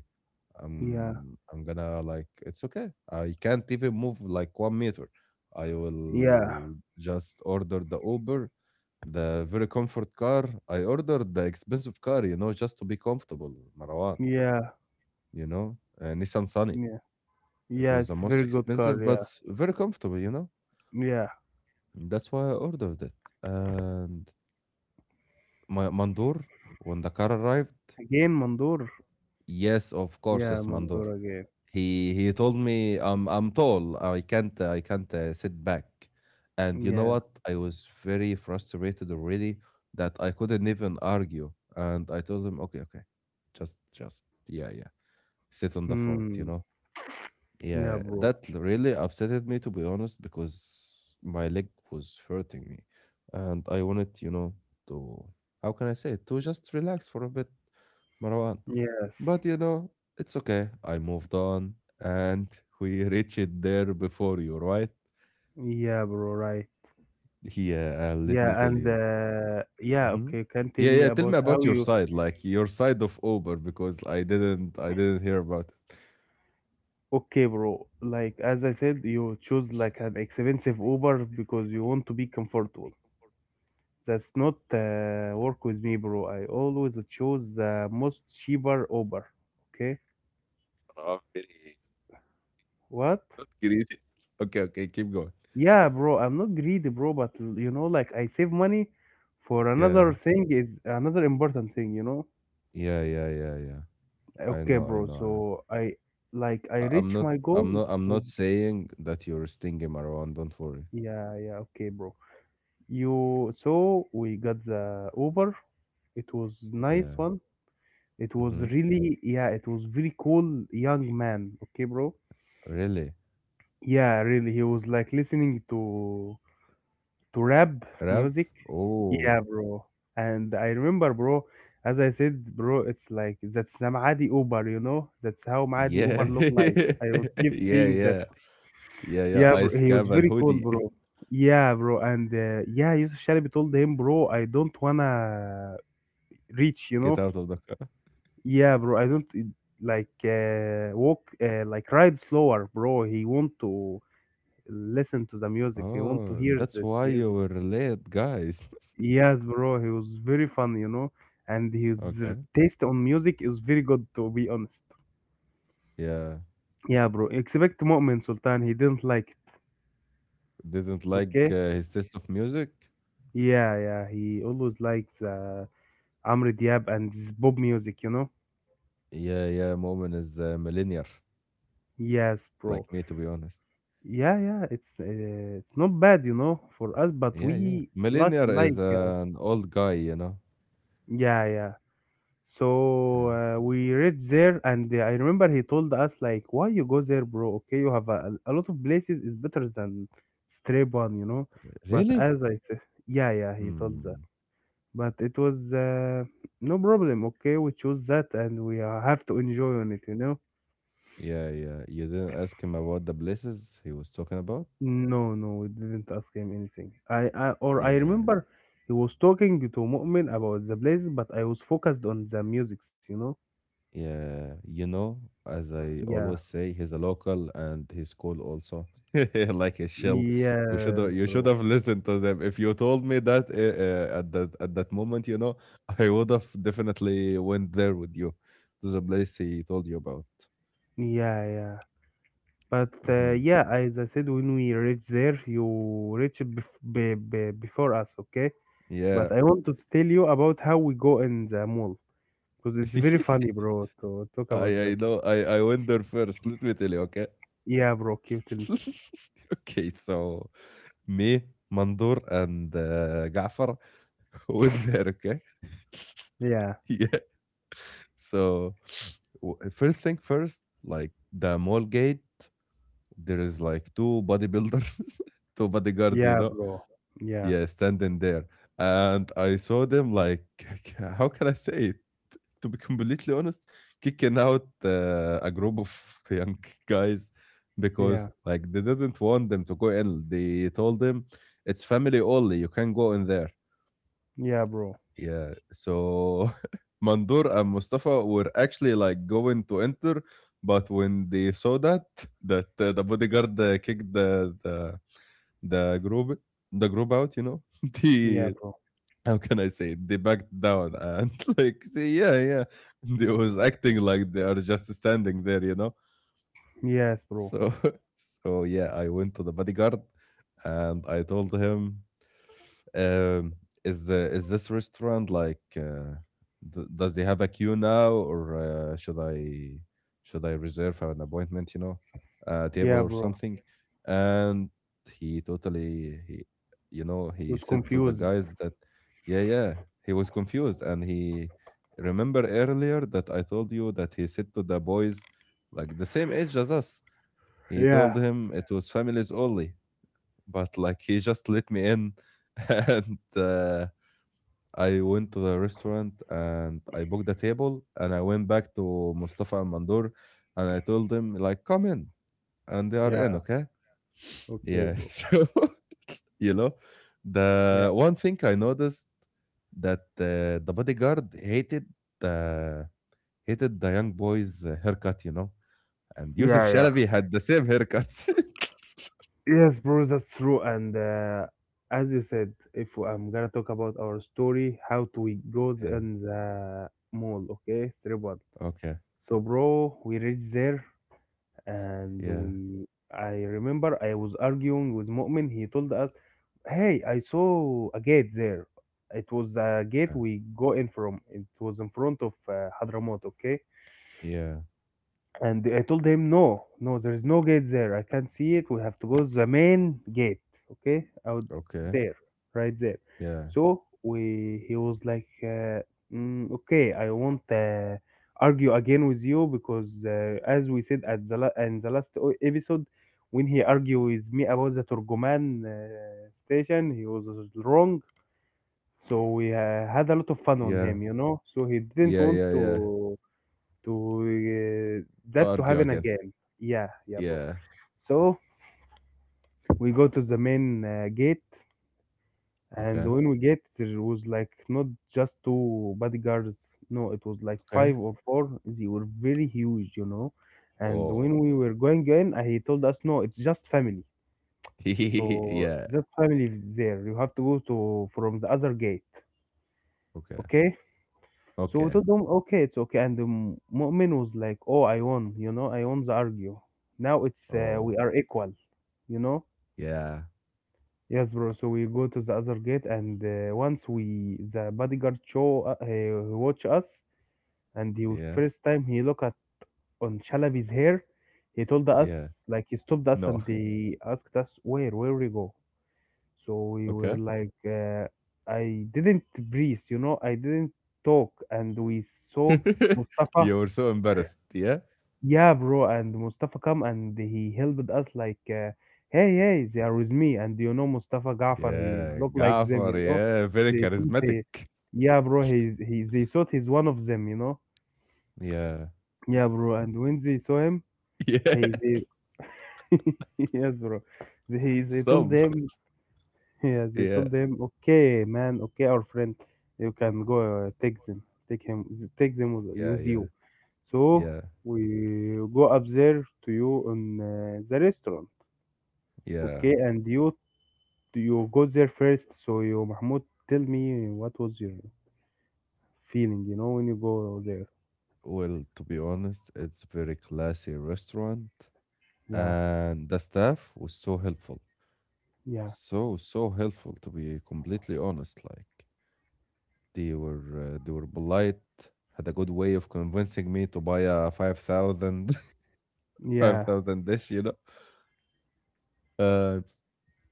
[SPEAKER 2] yeah,
[SPEAKER 1] I'm gonna like it's okay. I can't even move like 1 meter. I
[SPEAKER 2] yeah,
[SPEAKER 1] will just order the Uber, the very comfort car. I ordered the expensive car, just to be comfortable, Marwan,
[SPEAKER 2] yeah,
[SPEAKER 1] Nissan Sunny.
[SPEAKER 2] yeah.
[SPEAKER 1] It
[SPEAKER 2] Yeah,
[SPEAKER 1] was the
[SPEAKER 2] it's
[SPEAKER 1] most
[SPEAKER 2] very good
[SPEAKER 1] expensive,
[SPEAKER 2] car,
[SPEAKER 1] but
[SPEAKER 2] yeah.
[SPEAKER 1] very comfortable, you know.
[SPEAKER 2] Yeah.
[SPEAKER 1] That's why I ordered it. And my Mandur, when the car arrived,
[SPEAKER 2] Again Mandur?
[SPEAKER 1] yes, of course,
[SPEAKER 2] Yeah,
[SPEAKER 1] it's Mandur.
[SPEAKER 2] Mandur again.
[SPEAKER 1] He told me I'm tall. I can't sit back. And you know
[SPEAKER 2] Yeah.
[SPEAKER 1] what? I was very frustrated already that I couldn't even argue. And I told him, okay, okay, just yeah, yeah, sit on the front, you
[SPEAKER 2] Hmm.
[SPEAKER 1] know.
[SPEAKER 2] Yeah,
[SPEAKER 1] Yeah,
[SPEAKER 2] bro.
[SPEAKER 1] that really upsetted me to be honest because my leg was hurting me and I wanted, you know, to, how can I say it, to just relax for a bit, Marwan.
[SPEAKER 2] Yes.
[SPEAKER 1] But you know, it's okay. I moved on and (laughs) we reached there before you, right?
[SPEAKER 2] Yeah, bro, right.
[SPEAKER 1] Yeah, let
[SPEAKER 2] Yeah,
[SPEAKER 1] me tell
[SPEAKER 2] and
[SPEAKER 1] you.
[SPEAKER 2] yeah,
[SPEAKER 1] Hmm.
[SPEAKER 2] okay. Can tell
[SPEAKER 1] Yeah,
[SPEAKER 2] me
[SPEAKER 1] yeah, tell
[SPEAKER 2] about
[SPEAKER 1] me
[SPEAKER 2] how
[SPEAKER 1] about your
[SPEAKER 2] you
[SPEAKER 1] side, like your side of Uber because I didn't hear about it.
[SPEAKER 2] okay, bro. Like as I said, you choose like an expensive Uber because you want to be comfortable. That's not work with me, bro. I always choose the most cheaper Uber. Okay.
[SPEAKER 1] Very.
[SPEAKER 2] What?
[SPEAKER 1] Not greedy. Okay, okay, keep going.
[SPEAKER 2] Yeah, bro. I'm not greedy, bro. But you know, like I save money for another
[SPEAKER 1] Yeah,
[SPEAKER 2] thing is another important thing. You know.
[SPEAKER 1] yeah, yeah, yeah, yeah. I
[SPEAKER 2] Okay,
[SPEAKER 1] know, I
[SPEAKER 2] bro.
[SPEAKER 1] know.
[SPEAKER 2] So I like I
[SPEAKER 1] I'm
[SPEAKER 2] reach
[SPEAKER 1] not,
[SPEAKER 2] my goal
[SPEAKER 1] I'm not, I'm not
[SPEAKER 2] with
[SPEAKER 1] saying that you're stinging, Marwan. Don't worry.
[SPEAKER 2] yeah, yeah. Okay, bro. You so we got the Uber. It was nice
[SPEAKER 1] Yeah.
[SPEAKER 2] one. It was
[SPEAKER 1] Mm-hmm.
[SPEAKER 2] really yeah, it was very cool young man. Okay, bro.
[SPEAKER 1] Really?
[SPEAKER 2] Yeah, really. He was like listening to rap
[SPEAKER 1] Rap?
[SPEAKER 2] music.
[SPEAKER 1] Oh,
[SPEAKER 2] Yeah, bro. And I remember, bro, as I said, bro, it's like that's the Maadi Uber, you know? That's how Maadi Uber
[SPEAKER 1] yeah,
[SPEAKER 2] look like.
[SPEAKER 1] (laughs)
[SPEAKER 2] I was kept
[SPEAKER 1] yeah,
[SPEAKER 2] saying that.
[SPEAKER 1] yeah, yeah, yeah.
[SPEAKER 2] Yeah, bro.
[SPEAKER 1] Ice
[SPEAKER 2] He was
[SPEAKER 1] cap and
[SPEAKER 2] very cool,
[SPEAKER 1] hoodie. (laughs)
[SPEAKER 2] bro. Yeah, bro. And yeah, Yusuf Shalabi told him, bro, I don't wanna reach, you
[SPEAKER 1] Get
[SPEAKER 2] know?
[SPEAKER 1] out of the car.
[SPEAKER 2] Yeah, bro. I don't like walk like ride slower, bro. He want to listen to the music. He want
[SPEAKER 1] Oh,
[SPEAKER 2] to
[SPEAKER 1] and
[SPEAKER 2] hear
[SPEAKER 1] that's
[SPEAKER 2] this
[SPEAKER 1] why you
[SPEAKER 2] music.
[SPEAKER 1] were late, guys. (laughs)
[SPEAKER 2] Yes, bro. He was very fun, you know, and his
[SPEAKER 1] Okay.
[SPEAKER 2] taste on music is very good, to be honest.
[SPEAKER 1] Yeah.
[SPEAKER 2] Yeah, bro. Expect Mu'min Sultan. He didn't like it.
[SPEAKER 1] Didn't like
[SPEAKER 2] Okay.
[SPEAKER 1] his taste of music.
[SPEAKER 2] Yeah, yeah. He always likes Amr Diab and this Bob music, you know.
[SPEAKER 1] Yeah, yeah. Moment is millennial.
[SPEAKER 2] Yes, bro.
[SPEAKER 1] Like me, to be honest.
[SPEAKER 2] Yeah, yeah, it's not bad, you know, for us, but
[SPEAKER 1] Yeah, yeah.
[SPEAKER 2] we like
[SPEAKER 1] Millennial is an old guy, you know?
[SPEAKER 2] yeah, yeah.
[SPEAKER 1] Yeah.
[SPEAKER 2] So we reached there, and I remember he told us like, "Why you go there, bro? Okay, you have a lot of places is better than straight one, you know." But
[SPEAKER 1] Really?
[SPEAKER 2] as I said, yeah, yeah, he told that.
[SPEAKER 1] Mm.
[SPEAKER 2] But it was no problem. Okay, we chose that, and we have to enjoy on it, you know.
[SPEAKER 1] Yeah, yeah. You didn't ask him about the places he was talking about?
[SPEAKER 2] No, no, we didn't ask him anything. I or I
[SPEAKER 1] Yeah,
[SPEAKER 2] remember he was talking to Mu'min about the place, but I was focused on the musics, you know?
[SPEAKER 1] yeah. You know, as I
[SPEAKER 2] Yeah.
[SPEAKER 1] always say, he's a local and he's cool also. (laughs) Like a shell.
[SPEAKER 2] Yes,
[SPEAKER 1] You should
[SPEAKER 2] bro.
[SPEAKER 1] have listened to them. If you told me that at that moment, you know, (laughs) I would have definitely went there with you to the place he told you about.
[SPEAKER 2] Yeah, yeah. But
[SPEAKER 1] Hmm.
[SPEAKER 2] yeah, as I said, when we reach there, you reach bef be before us, okay? But
[SPEAKER 1] Yeah,
[SPEAKER 2] I wanted to tell you about how we go in the mall because it's very funny,
[SPEAKER 1] (laughs)
[SPEAKER 2] bro, to talk
[SPEAKER 1] I
[SPEAKER 2] about that.
[SPEAKER 1] I know I went there first. Let me tell you, okay?
[SPEAKER 2] Yeah, bro, can you tell me?
[SPEAKER 1] (laughs) Okay, so me, Mandur, and Gafar (laughs) were there, okay?
[SPEAKER 2] Yeah,
[SPEAKER 1] (laughs) Yeah. So, first thing first, like the mall gate, there is like two bodybuilders, (laughs) two bodyguards, you
[SPEAKER 2] yeah,
[SPEAKER 1] know?
[SPEAKER 2] bro. Yeah,
[SPEAKER 1] Yeah, standing there, and I saw them like, (laughs) how can I say it, to be completely honest, kicking out a group of (laughs) young guys
[SPEAKER 2] yeah,
[SPEAKER 1] because like they didn't want them to go in. They told them it's family only. You can not go in there.
[SPEAKER 2] yeah, bro.
[SPEAKER 1] Yeah. So, (laughs) Mandur and Mustafa were actually like going to enter, but when they saw that the bodyguard kicked the the group the group out, you know, (laughs)
[SPEAKER 2] Yeah,
[SPEAKER 1] they,
[SPEAKER 2] bro.
[SPEAKER 1] how can I say it? They backed down and (laughs) like, say, yeah, yeah. They was acting like they are just standing there, you know.
[SPEAKER 2] Yes, bro.
[SPEAKER 1] So, (laughs) so yeah, I went to the bodyguard and I told him, um, is the is this restaurant like d does they have a queue now, or should I reserve an appointment, you know, a
[SPEAKER 2] Yeah,
[SPEAKER 1] table or
[SPEAKER 2] bro.
[SPEAKER 1] something? And he totally he you know,
[SPEAKER 2] I
[SPEAKER 1] he
[SPEAKER 2] was
[SPEAKER 1] said to the
[SPEAKER 2] confused.
[SPEAKER 1] guys that, yeah, yeah, he was confused, and he, remember earlier that I told you that he said to the boys like the same age as us? He
[SPEAKER 2] Yeah.
[SPEAKER 1] told him it was families only, but like he just let me in. (laughs) And I went to the restaurant and I booked the table and I went back to Mustafa and Mandur and I told them like come in, and they are in,
[SPEAKER 2] Yeah.
[SPEAKER 1] okay.
[SPEAKER 2] Okay,
[SPEAKER 1] Yeah. (laughs)
[SPEAKER 2] bro.
[SPEAKER 1] So, you know, the
[SPEAKER 2] Yeah.
[SPEAKER 1] one thing I noticed that the bodyguard the hated the young boy's haircut, you know, and Yusuf
[SPEAKER 2] Yeah, yeah.
[SPEAKER 1] Shalavi had the same haircut.
[SPEAKER 2] Yes, bro, that's true. And as you said, if I'm gonna talk about our story, how to we goes
[SPEAKER 1] (laughs) Yeah.
[SPEAKER 2] in the mall, okay? Strip one.
[SPEAKER 1] Okay.
[SPEAKER 2] So, bro, we reach there and
[SPEAKER 1] Yeah.
[SPEAKER 2] we I remember I was arguing with Mu'min. He told us, "Hey, I saw a gate there. It was a gate
[SPEAKER 1] Okay.
[SPEAKER 2] we go in from. It was in front of Hadramaut, okay?
[SPEAKER 1] Yeah.
[SPEAKER 2] And I told him, no, no, there is no gate there. I can't see it. We have to go the main gate, okay, out
[SPEAKER 1] Okay.
[SPEAKER 2] there, right there.
[SPEAKER 1] Yeah.
[SPEAKER 2] So we, he was like, okay, I won't argue again with you because, as we said at the in the last episode, when he argued with me about the Turgoman station, he was wrong. So we had a lot of fun on
[SPEAKER 1] Yeah.
[SPEAKER 2] him, you know. So he didn't
[SPEAKER 1] Yeah,
[SPEAKER 2] want
[SPEAKER 1] yeah, yeah.
[SPEAKER 2] to
[SPEAKER 1] To
[SPEAKER 2] that to
[SPEAKER 1] argue
[SPEAKER 2] happen
[SPEAKER 1] again.
[SPEAKER 2] again. Yeah, yeah, bro.
[SPEAKER 1] Yeah.
[SPEAKER 2] So we go to the main gate, and
[SPEAKER 1] Okay.
[SPEAKER 2] when we get there was like not just two bodyguards. No, it was like
[SPEAKER 1] Okay.
[SPEAKER 2] five or four. They were very huge, you know. And when
[SPEAKER 1] Oh.
[SPEAKER 2] we were going in, he told us, "No, it's just family.
[SPEAKER 1] (laughs)
[SPEAKER 2] So
[SPEAKER 1] Yeah.
[SPEAKER 2] just family is there. You have to go to from the other gate,
[SPEAKER 1] Okay.
[SPEAKER 2] okay?" So we
[SPEAKER 1] Okay.
[SPEAKER 2] told them, okay, it's okay. And the Mu'min was like, oh, I won, you know, I won the argue. Now it's,
[SPEAKER 1] Oh.
[SPEAKER 2] we are equal, you know?
[SPEAKER 1] Yeah.
[SPEAKER 2] Yes, bro. So we go to the other gate, and once we, the bodyguard show, he watch us, and the
[SPEAKER 1] Yeah.
[SPEAKER 2] first time he look at on Chalabi's hair, he told us,
[SPEAKER 1] Yeah.
[SPEAKER 2] like, he stopped us and
[SPEAKER 1] No. (laughs)
[SPEAKER 2] they asked us, where we go? So we were
[SPEAKER 1] Okay.
[SPEAKER 2] like, I didn't breathe, you know, I didn't talk, and we saw
[SPEAKER 1] (laughs)
[SPEAKER 2] Mustafa.
[SPEAKER 1] You were so embarrassed. Yeah.
[SPEAKER 2] Yeah, bro, and Mustafa come and he helped us like, hey, hey, they are with me, and you know Mustafa Gafar, he
[SPEAKER 1] Yeah.
[SPEAKER 2] look like them,
[SPEAKER 1] Gaffer.
[SPEAKER 2] you know.
[SPEAKER 1] Yeah. Very
[SPEAKER 2] They thought
[SPEAKER 1] charismatic.
[SPEAKER 2] he, yeah, bro, they thought he's one of them, you know.
[SPEAKER 1] Yeah.
[SPEAKER 2] Yeah, bro, and when they saw him,
[SPEAKER 1] (laughs) Yeah.
[SPEAKER 2] he, they, (laughs) yes, bro, they told
[SPEAKER 1] Stop.
[SPEAKER 2] them yes, they
[SPEAKER 1] Yeah.
[SPEAKER 2] told him, "Okay, man, okay, our friend, you can go take them, take him, take them
[SPEAKER 1] Yeah.
[SPEAKER 2] with
[SPEAKER 1] Yeah.
[SPEAKER 2] you." So
[SPEAKER 1] Yeah.
[SPEAKER 2] we go up there to you on the restaurant,
[SPEAKER 1] Yeah.
[SPEAKER 2] okay, and you go there first. So you, Mahmoud, tell me what was your feeling, you know, when you go there?
[SPEAKER 1] Well, to be honest, it's very classy restaurant,
[SPEAKER 2] Yeah,
[SPEAKER 1] and the staff was so helpful.
[SPEAKER 2] yeah,
[SPEAKER 1] So, so helpful to be completely honest. Like, they were polite, had a good way of convincing me to buy a 5,000, (laughs) five
[SPEAKER 2] yeah,
[SPEAKER 1] thousand dish, you know. Uh,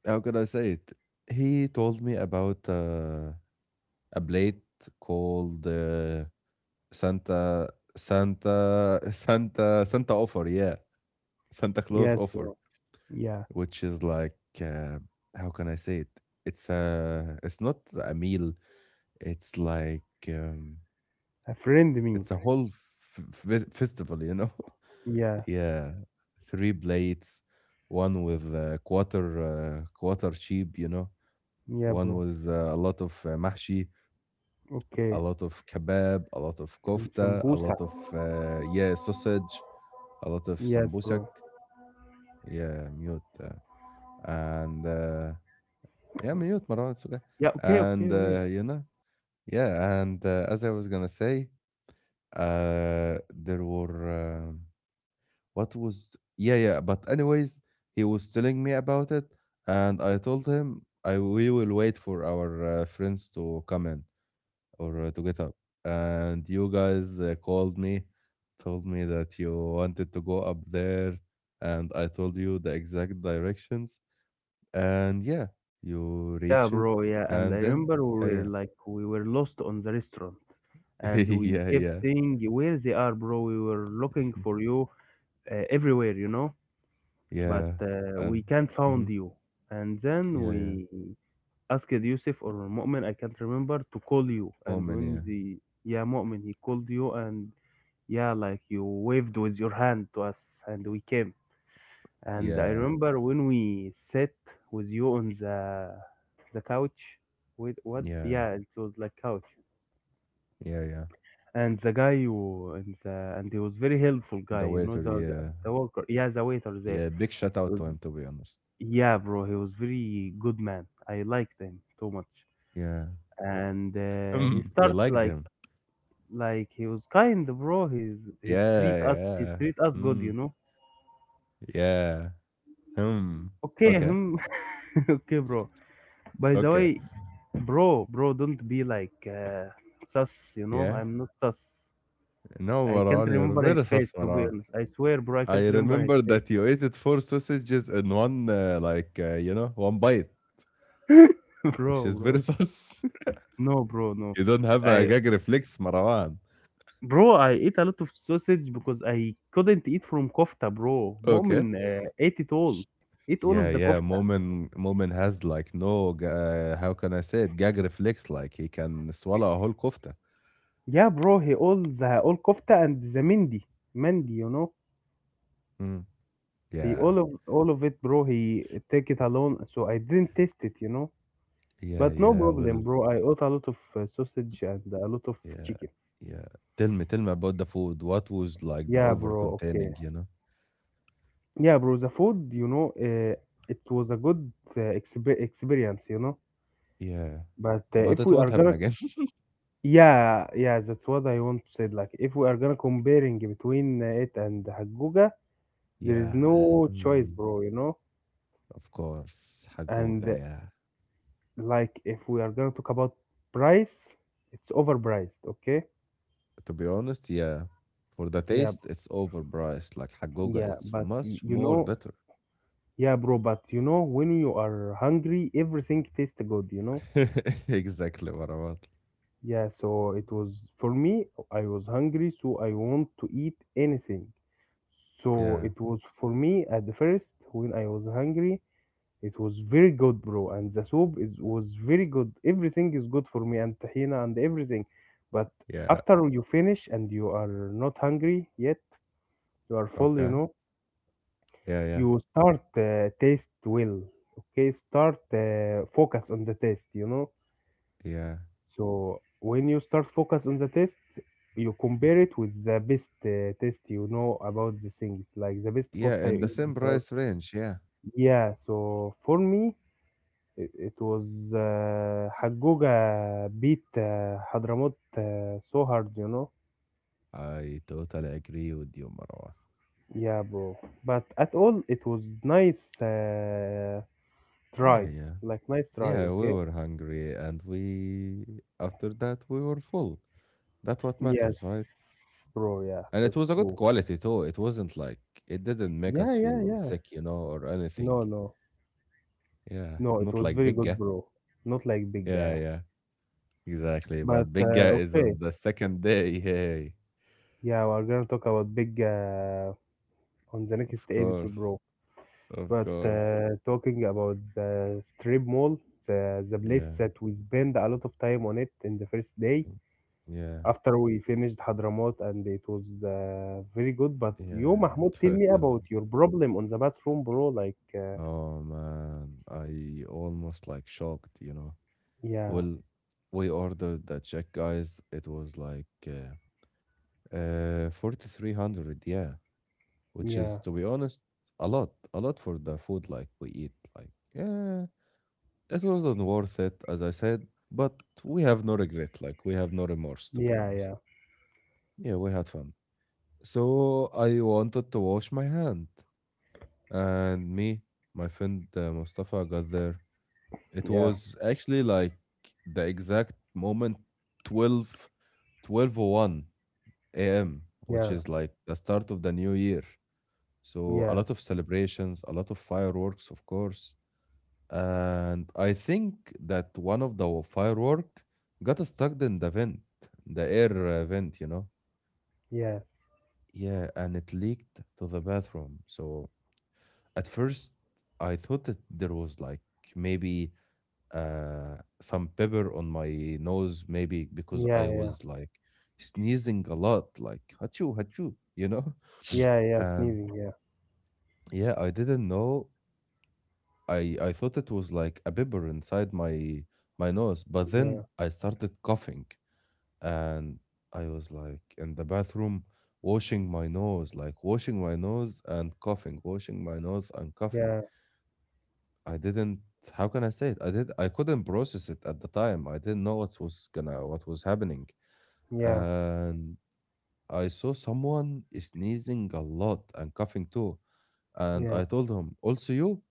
[SPEAKER 1] how could I say it? He told me about a plate called Santa, Santa, (laughs) Santa, Santa offer. Yeah. Santa Claus
[SPEAKER 2] yes,
[SPEAKER 1] offer,
[SPEAKER 2] bro. Yeah,
[SPEAKER 1] which is like, how can I say it? It's not a meal. It's like, um,
[SPEAKER 2] a friend meal.
[SPEAKER 1] it's a whole f f festival, you know? (laughs)
[SPEAKER 2] Yeah,
[SPEAKER 1] Yeah, 3 plates, one with uh, quarter sheep, you know?
[SPEAKER 2] yeah,
[SPEAKER 1] One
[SPEAKER 2] bro.
[SPEAKER 1] with a lot of mahshi, a
[SPEAKER 2] Okay,
[SPEAKER 1] lot of kebab, a lot of
[SPEAKER 2] and some
[SPEAKER 1] kofta, a
[SPEAKER 2] sambusa.
[SPEAKER 1] lot of yeah, sausage, a lot of
[SPEAKER 2] Yes,
[SPEAKER 1] sambusak.
[SPEAKER 2] bro.
[SPEAKER 1] Yeah, mute. And yeah, mute, Marwan, it's okay.
[SPEAKER 2] Yeah, okay, okay,
[SPEAKER 1] And
[SPEAKER 2] wait.
[SPEAKER 1] you know, yeah, and as I was gonna say, there were. Uh, What was yeah, yeah, but anyways, he was telling me about it and I told him I we will wait for our friends to come in or to get up. And you guys called me, told me that you wanted to go up there, and I told you the exact directions, and yeah, you
[SPEAKER 2] Yeah,
[SPEAKER 1] reached it
[SPEAKER 2] bro. Yeah, and I
[SPEAKER 1] and then,
[SPEAKER 2] remember
[SPEAKER 1] yeah,
[SPEAKER 2] we were
[SPEAKER 1] yeah.
[SPEAKER 2] like we were lost on the restaurant, and
[SPEAKER 1] (laughs)
[SPEAKER 2] we
[SPEAKER 1] Yeah,
[SPEAKER 2] kept
[SPEAKER 1] yeah.
[SPEAKER 2] saying where they are, bro. We were looking
[SPEAKER 1] (laughs)
[SPEAKER 2] for you everywhere, you know, but
[SPEAKER 1] Yeah.
[SPEAKER 2] we
[SPEAKER 1] And
[SPEAKER 2] can't find
[SPEAKER 1] mhm,
[SPEAKER 2] you. And then
[SPEAKER 1] yeah, yeah.
[SPEAKER 2] we asked Yusuf or Mu'min, I can't remember, to call you. And
[SPEAKER 1] Moment, yeah.
[SPEAKER 2] when the yeah Mu'min, he called you, and yeah, like you waved with your hand to us, and we came. And I
[SPEAKER 1] Yeah.
[SPEAKER 2] remember when we sat with you on the couch. With what?
[SPEAKER 1] Yeah.
[SPEAKER 2] Yeah, it was like couch.
[SPEAKER 1] Yeah, yeah.
[SPEAKER 2] And the guy who and the and he was very helpful
[SPEAKER 1] The
[SPEAKER 2] guy. You
[SPEAKER 1] waiter,
[SPEAKER 2] know
[SPEAKER 1] yeah.
[SPEAKER 2] the worker. Yeah, the waiter
[SPEAKER 1] Yeah,
[SPEAKER 2] there.
[SPEAKER 1] big shout
[SPEAKER 2] It
[SPEAKER 1] out
[SPEAKER 2] was
[SPEAKER 1] to him to be honest.
[SPEAKER 2] yeah, bro. He was very good man. I liked him too much.
[SPEAKER 1] Yeah.
[SPEAKER 2] And he
[SPEAKER 1] Hmm. You
[SPEAKER 2] started
[SPEAKER 1] liked him.
[SPEAKER 2] like he was kind, bro.
[SPEAKER 1] Yeah,
[SPEAKER 2] He's
[SPEAKER 1] yeah.
[SPEAKER 2] treat us good.
[SPEAKER 1] Hmm.
[SPEAKER 2] You know.
[SPEAKER 1] Yeah. Hmm.
[SPEAKER 2] Okay,
[SPEAKER 1] Okay.
[SPEAKER 2] him. (laughs) okay, bro. By the
[SPEAKER 1] Okay.
[SPEAKER 2] way, bro, don't be like sus, you know?
[SPEAKER 1] Yeah.
[SPEAKER 2] I'm not sus.
[SPEAKER 1] No,
[SPEAKER 2] I can't
[SPEAKER 1] Maran, you're
[SPEAKER 2] remember
[SPEAKER 1] very
[SPEAKER 2] his
[SPEAKER 1] sus,
[SPEAKER 2] face, to be
[SPEAKER 1] Maran.
[SPEAKER 2] honest. I swear, bro, I can't
[SPEAKER 1] I
[SPEAKER 2] remember his
[SPEAKER 1] remember
[SPEAKER 2] face.
[SPEAKER 1] that you ate it four sausages in one, like, you know, one bite,
[SPEAKER 2] (laughs)
[SPEAKER 1] which is very
[SPEAKER 2] Bro.
[SPEAKER 1] sus.
[SPEAKER 2] No, bro,
[SPEAKER 1] (laughs)
[SPEAKER 2] no.
[SPEAKER 1] You don't have a
[SPEAKER 2] I,
[SPEAKER 1] gag reflex, Marwan.
[SPEAKER 2] bro, I ate a lot of sausage because I couldn't eat from kofta, bro.
[SPEAKER 1] Okay.
[SPEAKER 2] Mu'min ate it all. Ate all
[SPEAKER 1] Yeah,
[SPEAKER 2] of the
[SPEAKER 1] yeah.
[SPEAKER 2] kofta.
[SPEAKER 1] Moment has like no. How can I say it? Gag reflex. Like he can swallow a whole kofta.
[SPEAKER 2] Yeah, bro, he all the all kofta and the mindi. Mindi, you know?
[SPEAKER 1] Mm.
[SPEAKER 2] He
[SPEAKER 1] Yeah,
[SPEAKER 2] all of it, bro. He take it alone, so I didn't taste it, you know?
[SPEAKER 1] yeah,
[SPEAKER 2] But no
[SPEAKER 1] yeah.
[SPEAKER 2] problem,
[SPEAKER 1] Well,
[SPEAKER 2] bro. I ate a lot of sausage and a lot of
[SPEAKER 1] yeah,
[SPEAKER 2] chicken.
[SPEAKER 1] yeah. Tell me about the food. What was like the
[SPEAKER 2] Yeah,
[SPEAKER 1] over
[SPEAKER 2] bro. Okay.
[SPEAKER 1] containing? You know.
[SPEAKER 2] Yeah, bro. The food, you know, it was a good experience, you know.
[SPEAKER 1] Yeah,
[SPEAKER 2] But
[SPEAKER 1] but
[SPEAKER 2] if
[SPEAKER 1] it
[SPEAKER 2] we
[SPEAKER 1] won't
[SPEAKER 2] are
[SPEAKER 1] happen
[SPEAKER 2] gonna,
[SPEAKER 1] again. (laughs)
[SPEAKER 2] yeah, yeah, that's what I want to say. Like, if we are gonna comparing between it and Haguga, there is
[SPEAKER 1] Yeah.
[SPEAKER 2] no choice,
[SPEAKER 1] Mm,
[SPEAKER 2] bro. You know.
[SPEAKER 1] of course,
[SPEAKER 2] And
[SPEAKER 1] Hagoga. Yeah.
[SPEAKER 2] like, if we are gonna talk about price, it's overpriced. Okay.
[SPEAKER 1] To be honest, yeah. For the
[SPEAKER 2] Yeah,
[SPEAKER 1] taste, it's overpriced. Like Hagoga,
[SPEAKER 2] yeah.
[SPEAKER 1] it's
[SPEAKER 2] But
[SPEAKER 1] much
[SPEAKER 2] you
[SPEAKER 1] more
[SPEAKER 2] know,
[SPEAKER 1] better.
[SPEAKER 2] yeah, bro, but you know, when you are hungry, everything tastes good, you know?
[SPEAKER 1] (laughs) Exactly, Marawat.
[SPEAKER 2] Yeah, so it was for me, I was hungry, so I want to eat anything. So
[SPEAKER 1] Yeah.
[SPEAKER 2] it was for me at the first when I was hungry, it was very good, bro. And the soup is was very good. Everything is good for me and tahina and everything. But
[SPEAKER 1] Yeah.
[SPEAKER 2] after you finish and you are not hungry yet, you are full, you
[SPEAKER 1] Okay.
[SPEAKER 2] know?
[SPEAKER 1] Yeah, yeah,
[SPEAKER 2] You start taste well okay start focus on the taste you know
[SPEAKER 1] yeah.
[SPEAKER 2] so when you start focus on the taste you compare it with the best taste you know about the things like the best
[SPEAKER 1] Yeah,
[SPEAKER 2] kofta
[SPEAKER 1] in
[SPEAKER 2] you
[SPEAKER 1] the
[SPEAKER 2] eat
[SPEAKER 1] same
[SPEAKER 2] before
[SPEAKER 1] price range, yeah.
[SPEAKER 2] yeah so for me it, it was Hagoga beat Hadramut so hard you know
[SPEAKER 1] I totally agree with you, Marwan.
[SPEAKER 2] yeah bro but at all it was nice
[SPEAKER 1] Yeah,
[SPEAKER 2] try
[SPEAKER 1] yeah.
[SPEAKER 2] like nice try
[SPEAKER 1] Yeah, we
[SPEAKER 2] okay.
[SPEAKER 1] were hungry and we after that we were full. That's what matters, right?
[SPEAKER 2] Yes, bro. Yeah,
[SPEAKER 1] And it was
[SPEAKER 2] that's
[SPEAKER 1] a good
[SPEAKER 2] true.
[SPEAKER 1] quality too. It wasn't like it didn't make
[SPEAKER 2] Yeah,
[SPEAKER 1] us
[SPEAKER 2] yeah,
[SPEAKER 1] feel
[SPEAKER 2] yeah.
[SPEAKER 1] sick, you know, or anything.
[SPEAKER 2] No, no,
[SPEAKER 1] Yeah.
[SPEAKER 2] no. It
[SPEAKER 1] Not
[SPEAKER 2] was
[SPEAKER 1] like
[SPEAKER 2] very good,
[SPEAKER 1] Bigga.
[SPEAKER 2] bro. Not like Big
[SPEAKER 1] Yeah,
[SPEAKER 2] Guy,
[SPEAKER 1] yeah. Exactly.
[SPEAKER 2] but
[SPEAKER 1] But Bigga is on
[SPEAKER 2] okay.
[SPEAKER 1] the second day. Hey.
[SPEAKER 2] Yeah, we're gonna talk about Big Guy on the next
[SPEAKER 1] Of
[SPEAKER 2] episode, bro.
[SPEAKER 1] course. Of
[SPEAKER 2] But
[SPEAKER 1] course.
[SPEAKER 2] talking about the strip mall, the place
[SPEAKER 1] Yeah.
[SPEAKER 2] that we spend a lot of time on it in the first day
[SPEAKER 1] Yeah.
[SPEAKER 2] after we finished Hadramaut, and it was very good. But you,
[SPEAKER 1] Yeah,
[SPEAKER 2] Mahmoud, tell me
[SPEAKER 1] threaten.
[SPEAKER 2] about your problem on the bathroom, bro. Like,
[SPEAKER 1] Oh man, I almost like shocked, you know.
[SPEAKER 2] yeah,
[SPEAKER 1] Well, we ordered the check, guys. It was like 4,300, yeah, which is,
[SPEAKER 2] yeah,
[SPEAKER 1] to be honest, a lot for the food like we eat. Like, yeah, it wasn't worth it, as I said, but we have no regret. Like, we have no remorse, to be
[SPEAKER 2] yeah,
[SPEAKER 1] honest.
[SPEAKER 2] yeah,
[SPEAKER 1] Yeah, we had fun. So I wanted to wash my hand, and me, my friend Mustafa got there. It
[SPEAKER 2] yeah.
[SPEAKER 1] was actually like the exact moment 12, 12:01 a.m., which
[SPEAKER 2] Yeah,
[SPEAKER 1] is like the start of the new year. So a
[SPEAKER 2] yes,
[SPEAKER 1] lot of celebrations, a lot of fireworks, of course. And I think that one of the firework got stuck in the vent, the air vent, you know.
[SPEAKER 2] yes,
[SPEAKER 1] Yeah, and it leaked to the bathroom. So at first I thought that there was like maybe some pepper on my nose, maybe because I
[SPEAKER 2] yeah, yeah,
[SPEAKER 1] was like sneezing a lot, like hachu hachu, you know. (laughs)
[SPEAKER 2] yeah, yeah,
[SPEAKER 1] And
[SPEAKER 2] sneezing, yeah,
[SPEAKER 1] yeah, I didn't know. I thought it was like a pepper inside my nose, but then
[SPEAKER 2] yeah,
[SPEAKER 1] I started coughing, and I was like in the bathroom washing my nose, like washing my nose and coughing, washing my nose and coughing.
[SPEAKER 2] yeah,
[SPEAKER 1] I didn't. How can I say it? I did. I couldn't process it at the time. I didn't know what was happening,
[SPEAKER 2] yeah,
[SPEAKER 1] and I saw someone sneezing a lot and coughing too. And
[SPEAKER 2] yeah,
[SPEAKER 1] I told him, also you?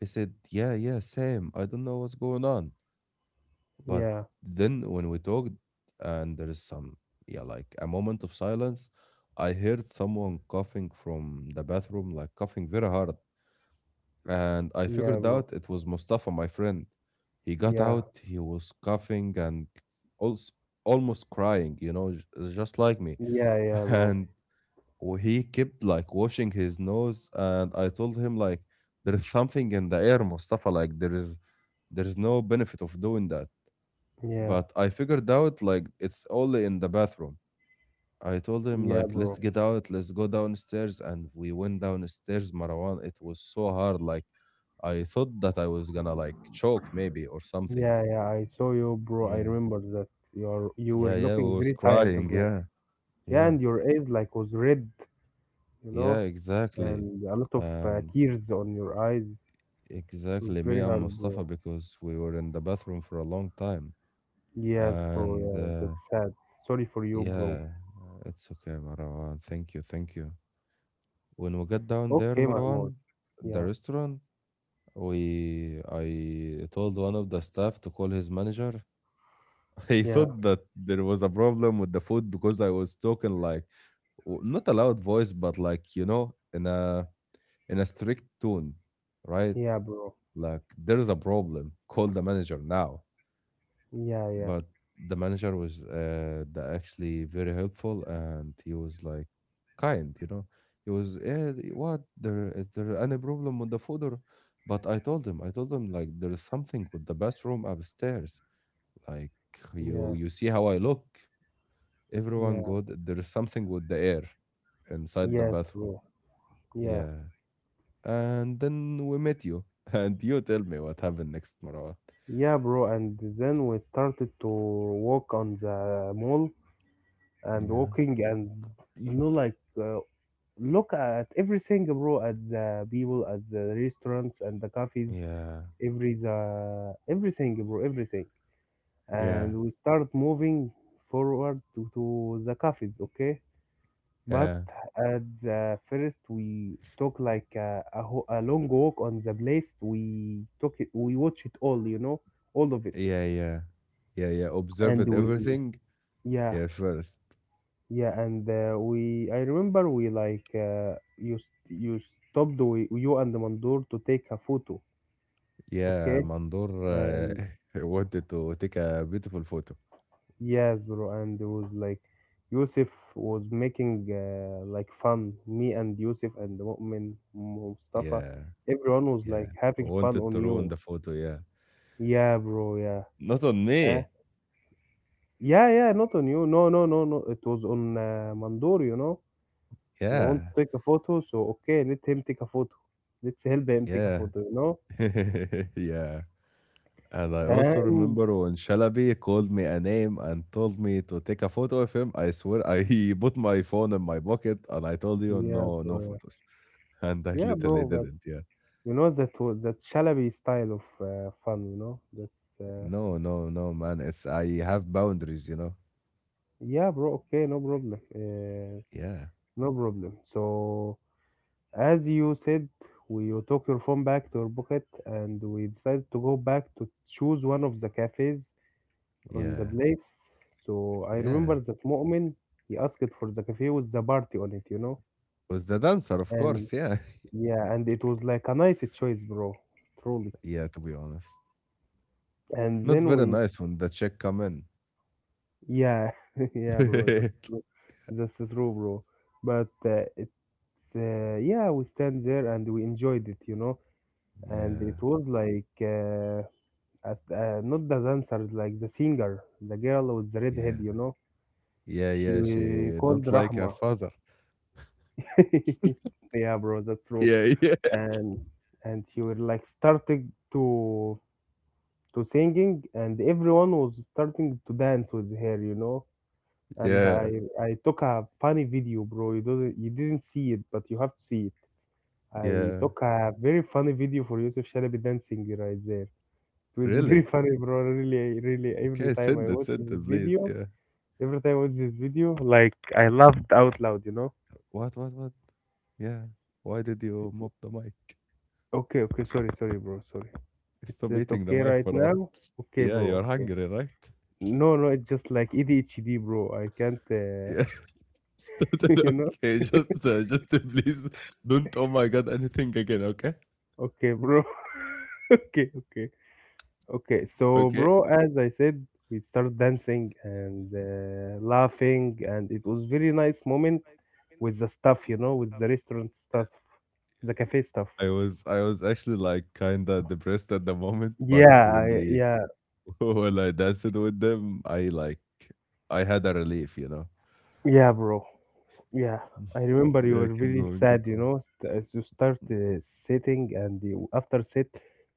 [SPEAKER 1] He said, yeah, yeah, same. I don't know what's going on. But
[SPEAKER 2] yeah,
[SPEAKER 1] then when we talked and there is some, yeah, like a moment of silence, I heard someone coughing from the bathroom, like coughing very hard. And I
[SPEAKER 2] yeah,
[SPEAKER 1] figured
[SPEAKER 2] bro,
[SPEAKER 1] out it was Mustafa, my friend. He got
[SPEAKER 2] yeah,
[SPEAKER 1] out, he was coughing and also almost crying, you know, just like me.
[SPEAKER 2] yeah, yeah,
[SPEAKER 1] (laughs)
[SPEAKER 2] bro,
[SPEAKER 1] And he kept like washing his nose, and I told him like there is something in the air, Mustafa, like there is no benefit of doing that.
[SPEAKER 2] yeah,
[SPEAKER 1] But I figured out like it's only in the bathroom. I told him
[SPEAKER 2] yeah,
[SPEAKER 1] like, let's
[SPEAKER 2] bro,
[SPEAKER 1] get out, let's go downstairs. And we went downstairs, Marwan. It was so hard, like I thought that I was gonna like choke maybe or something.
[SPEAKER 2] yeah, yeah. I saw you, bro. I
[SPEAKER 1] Yeah,
[SPEAKER 2] remember that you
[SPEAKER 1] yeah,
[SPEAKER 2] were
[SPEAKER 1] yeah, we
[SPEAKER 2] looking
[SPEAKER 1] was
[SPEAKER 2] very tired,
[SPEAKER 1] crying,
[SPEAKER 2] bro.
[SPEAKER 1] yeah.
[SPEAKER 2] Yeah,
[SPEAKER 1] Yeah,
[SPEAKER 2] and your eyes like was red, you know,
[SPEAKER 1] yeah, exactly.
[SPEAKER 2] and a lot of
[SPEAKER 1] And
[SPEAKER 2] tears on your eyes. It was
[SPEAKER 1] exactly, me
[SPEAKER 2] very
[SPEAKER 1] and
[SPEAKER 2] hard,
[SPEAKER 1] Mustafa,
[SPEAKER 2] bro.
[SPEAKER 1] because we were in the bathroom for a long time.
[SPEAKER 2] Yes, bro.
[SPEAKER 1] And
[SPEAKER 2] Yeah, that's sad. Sorry for you, bro.
[SPEAKER 1] yeah, it's okay, Marwan. Thank you, thank you. When we got down
[SPEAKER 2] Okay,
[SPEAKER 1] there,
[SPEAKER 2] Mahmoud.
[SPEAKER 1] Marwan,
[SPEAKER 2] Yeah,
[SPEAKER 1] the restaurant, we I told one of the staff to call his manager. (laughs) He
[SPEAKER 2] yeah,
[SPEAKER 1] thought that there was a problem with the food because I was talking like, not a loud voice, but like you know, in a strict tone, right?
[SPEAKER 2] yeah, bro.
[SPEAKER 1] Like, there is a problem, call the manager now.
[SPEAKER 2] Yeah, yeah,
[SPEAKER 1] But the manager was the actually very helpful, and he was like kind, you know. He was what, there is there any problem with the food, or... But I told him like there's something with the bathroom upstairs, like you
[SPEAKER 2] yeah,
[SPEAKER 1] you see how I look. Everyone
[SPEAKER 2] yeah.
[SPEAKER 1] good, there's something with the air inside the
[SPEAKER 2] Yes,
[SPEAKER 1] bathroom.
[SPEAKER 2] bro. Yeah,
[SPEAKER 1] Yeah. And then we met you, (laughs) and you tell me what happened next, Marwan.
[SPEAKER 2] yeah, bro. And then we started to walk on the mall and
[SPEAKER 1] Yeah,
[SPEAKER 2] walking and like uh, look at everything, bro. At the people, at the restaurants and the cafes,
[SPEAKER 1] yeah,
[SPEAKER 2] everything, bro, everything.
[SPEAKER 1] yeah,
[SPEAKER 2] And we start moving forward to the cafes, okay? But
[SPEAKER 1] yeah,
[SPEAKER 2] at the first, we took like a long walk on the place. We took it, we watch it all, you know, all of it.
[SPEAKER 1] yeah, yeah. Yeah, yeah.
[SPEAKER 2] And
[SPEAKER 1] Observed
[SPEAKER 2] we,
[SPEAKER 1] everything.
[SPEAKER 2] yeah,
[SPEAKER 1] Yeah, first.
[SPEAKER 2] yeah, I remember we like, you stopped, you and Mandur to take a photo,
[SPEAKER 1] Yeah,
[SPEAKER 2] okay?
[SPEAKER 1] Mandor,
[SPEAKER 2] And
[SPEAKER 1] uh, (laughs) wanted to take a beautiful photo.
[SPEAKER 2] yes, bro, and it was like, Yusuf was making like fun, me and Yusuf and Mu'min, Mustafa,
[SPEAKER 1] Yeah,
[SPEAKER 2] everyone was
[SPEAKER 1] yeah.
[SPEAKER 2] like having fun
[SPEAKER 1] Wanted
[SPEAKER 2] on
[SPEAKER 1] to ruin
[SPEAKER 2] you.
[SPEAKER 1] the photo. Yeah.
[SPEAKER 2] Yeah, bro. Yeah.
[SPEAKER 1] Not on
[SPEAKER 2] Eh?
[SPEAKER 1] me.
[SPEAKER 2] Yeah, yeah. Not on you. No, no, no, no. It was on Mandor. You know, he want
[SPEAKER 1] Yeah,
[SPEAKER 2] to take a photo. So okay, let him take a photo. Let's help him take a
[SPEAKER 1] yeah,
[SPEAKER 2] photo. You know.
[SPEAKER 1] (laughs) yeah. And I also
[SPEAKER 2] And
[SPEAKER 1] remember when Shalabi called me a name and told me to take a photo of him. I swear, I (laughs) put my phone in my pocket and I told you,
[SPEAKER 2] yeah,
[SPEAKER 1] no, no
[SPEAKER 2] bro.
[SPEAKER 1] photos. And I
[SPEAKER 2] Yeah, yeah,
[SPEAKER 1] literally
[SPEAKER 2] bro. But
[SPEAKER 1] didn't. Yeah.
[SPEAKER 2] you know that was that shalaby style of fun. You know. That's
[SPEAKER 1] No, no, no, man. It's, I have boundaries, you know.
[SPEAKER 2] yeah, bro. Okay, no problem.
[SPEAKER 1] Yeah,
[SPEAKER 2] No problem. So as you said, we you took your phone back to your pocket, and we decided to go back to choose one of the cafes on the
[SPEAKER 1] yeah,
[SPEAKER 2] place. So I
[SPEAKER 1] yeah.
[SPEAKER 2] remember that Mu'min, he asked for the cafe with the party on it, you know?
[SPEAKER 1] With the dancer, of
[SPEAKER 2] And
[SPEAKER 1] course. Yeah,
[SPEAKER 2] yeah, and it was like a nice choice, bro. Truly.
[SPEAKER 1] (laughs) yeah. To be honest,
[SPEAKER 2] And
[SPEAKER 1] not
[SPEAKER 2] then
[SPEAKER 1] very
[SPEAKER 2] we,
[SPEAKER 1] nice when the chick come in.
[SPEAKER 2] yeah, (laughs)
[SPEAKER 1] (laughs)
[SPEAKER 2] yeah, bro,
[SPEAKER 1] Yeah,
[SPEAKER 2] that's true. That's true, bro. But it's, yeah, we stand there and we enjoyed it, you know? And it was like, at, not the dancer, like the singer, the girl with the red head,
[SPEAKER 1] yeah,
[SPEAKER 2] you know?
[SPEAKER 1] yeah, yeah.
[SPEAKER 2] She
[SPEAKER 1] She
[SPEAKER 2] called
[SPEAKER 1] don't like her
[SPEAKER 2] Rahma.
[SPEAKER 1] father.
[SPEAKER 2] (laughs) Yeah, bro, that's true.
[SPEAKER 1] Yeah, (laughs) yeah,
[SPEAKER 2] And you were like starting to singing, and everyone was starting to dance with her, you know. And
[SPEAKER 1] yeah,
[SPEAKER 2] I took a funny video, bro. You didn't see it, but you have to see it. I
[SPEAKER 1] yeah.
[SPEAKER 2] took a very funny video for Yusuf Shalabi dancing right there. It was
[SPEAKER 1] Really?
[SPEAKER 2] very (laughs) funny, bro. Really, really.
[SPEAKER 1] Okay, send it, please. Yeah.
[SPEAKER 2] Every time I watch this video, like I laughed out loud, you know.
[SPEAKER 1] What? What? What? Yeah. Why did you mop the mic?
[SPEAKER 2] Okay, okay. Sorry, sorry, bro. Sorry.
[SPEAKER 1] Stop
[SPEAKER 2] It
[SPEAKER 1] eating the
[SPEAKER 2] okay
[SPEAKER 1] mic,
[SPEAKER 2] right
[SPEAKER 1] bro.
[SPEAKER 2] now? Okay,
[SPEAKER 1] Yeah,
[SPEAKER 2] bro.
[SPEAKER 1] you're
[SPEAKER 2] Okay.
[SPEAKER 1] hungry, right? (laughs)
[SPEAKER 2] No, no, it's just like ADHD, bro. I can't,
[SPEAKER 1] Yeah. (laughs)
[SPEAKER 2] (laughs)
[SPEAKER 1] Totally
[SPEAKER 2] you know.
[SPEAKER 1] okay, just please don't. Oh my god, anything again. Okay,
[SPEAKER 2] Okay, bro. (laughs) Okay, okay, okay. So,
[SPEAKER 1] okay.
[SPEAKER 2] bro, as I said, we started dancing and laughing, and it was very nice moment with the stuff, you know, with the restaurant
[SPEAKER 1] Yeah.
[SPEAKER 2] stuff, the cafe stuff.
[SPEAKER 1] I was actually like kinda depressed at the moment,
[SPEAKER 2] Yeah,
[SPEAKER 1] but when they
[SPEAKER 2] yeah,
[SPEAKER 1] (laughs) when I danced with them, I like I had a relief, you know.
[SPEAKER 2] yeah, bro. Yeah,
[SPEAKER 1] (laughs)
[SPEAKER 2] I remember you
[SPEAKER 1] Yeah,
[SPEAKER 2] were
[SPEAKER 1] keep
[SPEAKER 2] very
[SPEAKER 1] going, keep
[SPEAKER 2] sad, you
[SPEAKER 1] going.
[SPEAKER 2] know, as you start sitting and you, after sit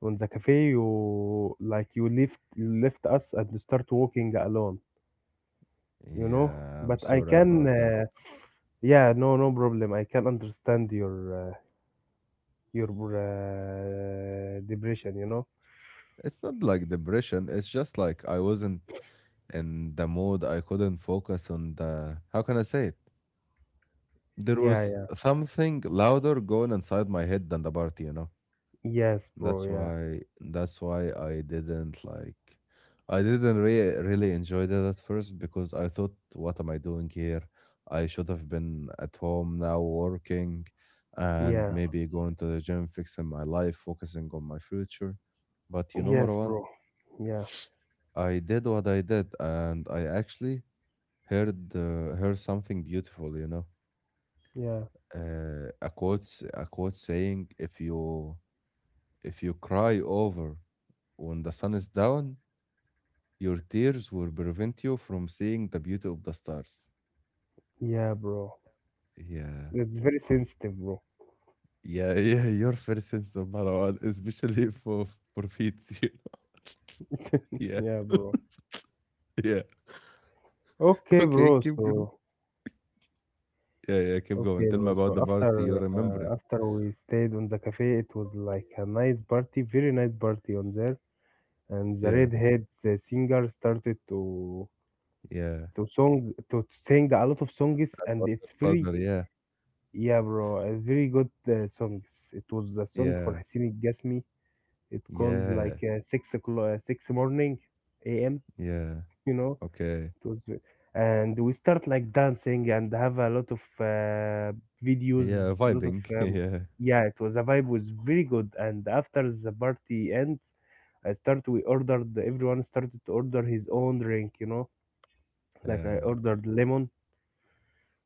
[SPEAKER 2] on the cafe, you like you left us and you start walking alone, you know.
[SPEAKER 1] Yeah, I'm
[SPEAKER 2] But
[SPEAKER 1] sorry about that.
[SPEAKER 2] yeah, no, no problem. I can understand your your depression, you know.
[SPEAKER 1] It's not like depression. It's just like I wasn't in the mood. I couldn't focus on the, how can I say it? There
[SPEAKER 2] Yeah,
[SPEAKER 1] was
[SPEAKER 2] yeah,
[SPEAKER 1] something louder going inside my head than the party, you know.
[SPEAKER 2] yes, bro.
[SPEAKER 1] That's
[SPEAKER 2] Yeah,
[SPEAKER 1] why that's why I didn't really really enjoy that at first because I thought, what am I doing here? I should have been at home now working and
[SPEAKER 2] yeah,
[SPEAKER 1] maybe going to the gym, fixing my life, focusing on my future. But you know,
[SPEAKER 2] yes,
[SPEAKER 1] Marwan,
[SPEAKER 2] bro. Yeah,
[SPEAKER 1] I did what I did, and I actually heard something beautiful, you know,
[SPEAKER 2] yeah,
[SPEAKER 1] a quote saying, if you cry over when the sun is down, your tears will prevent you from seeing the beauty of the stars.
[SPEAKER 2] yeah, bro.
[SPEAKER 1] Yeah.
[SPEAKER 2] It's very sensitive, bro.
[SPEAKER 1] Yeah, (laughs) yeah, your first sense of Marwan, especially (laughs) for feet, you know. (laughs) yeah.
[SPEAKER 2] Yeah, bro.
[SPEAKER 1] (laughs) Yeah,
[SPEAKER 2] Okay,
[SPEAKER 1] okay,
[SPEAKER 2] bro.
[SPEAKER 1] keep going.
[SPEAKER 2] So.
[SPEAKER 1] Yeah, yeah, keep going,
[SPEAKER 2] Okay,
[SPEAKER 1] tell me
[SPEAKER 2] bro.
[SPEAKER 1] about
[SPEAKER 2] So
[SPEAKER 1] the party, you remember it.
[SPEAKER 2] after we stayed on the cafe, it was like a nice party, very nice party on there. And
[SPEAKER 1] Yeah,
[SPEAKER 2] the singer started to
[SPEAKER 1] yeah.
[SPEAKER 2] to song to sing a lot of songs, and
[SPEAKER 1] About your
[SPEAKER 2] it's very
[SPEAKER 1] father, yeah.
[SPEAKER 2] yeah, bro, a very good songs. It was a song for
[SPEAKER 1] Yeah.
[SPEAKER 2] Hussein Gasmi. It called like
[SPEAKER 1] Yeah.
[SPEAKER 2] 6 o'clock, six morning, a.m.
[SPEAKER 1] Yeah.
[SPEAKER 2] You know.
[SPEAKER 1] Okay.
[SPEAKER 2] It was and we start like dancing and have a lot of videos,
[SPEAKER 1] Yeah,
[SPEAKER 2] lot of
[SPEAKER 1] vibing. (laughs) Yeah.
[SPEAKER 2] yeah, it was a vibe, was very good. And after the party ends, I start we ordered, everyone started to order his own drink, you know. Like I
[SPEAKER 1] Yeah.
[SPEAKER 2] ordered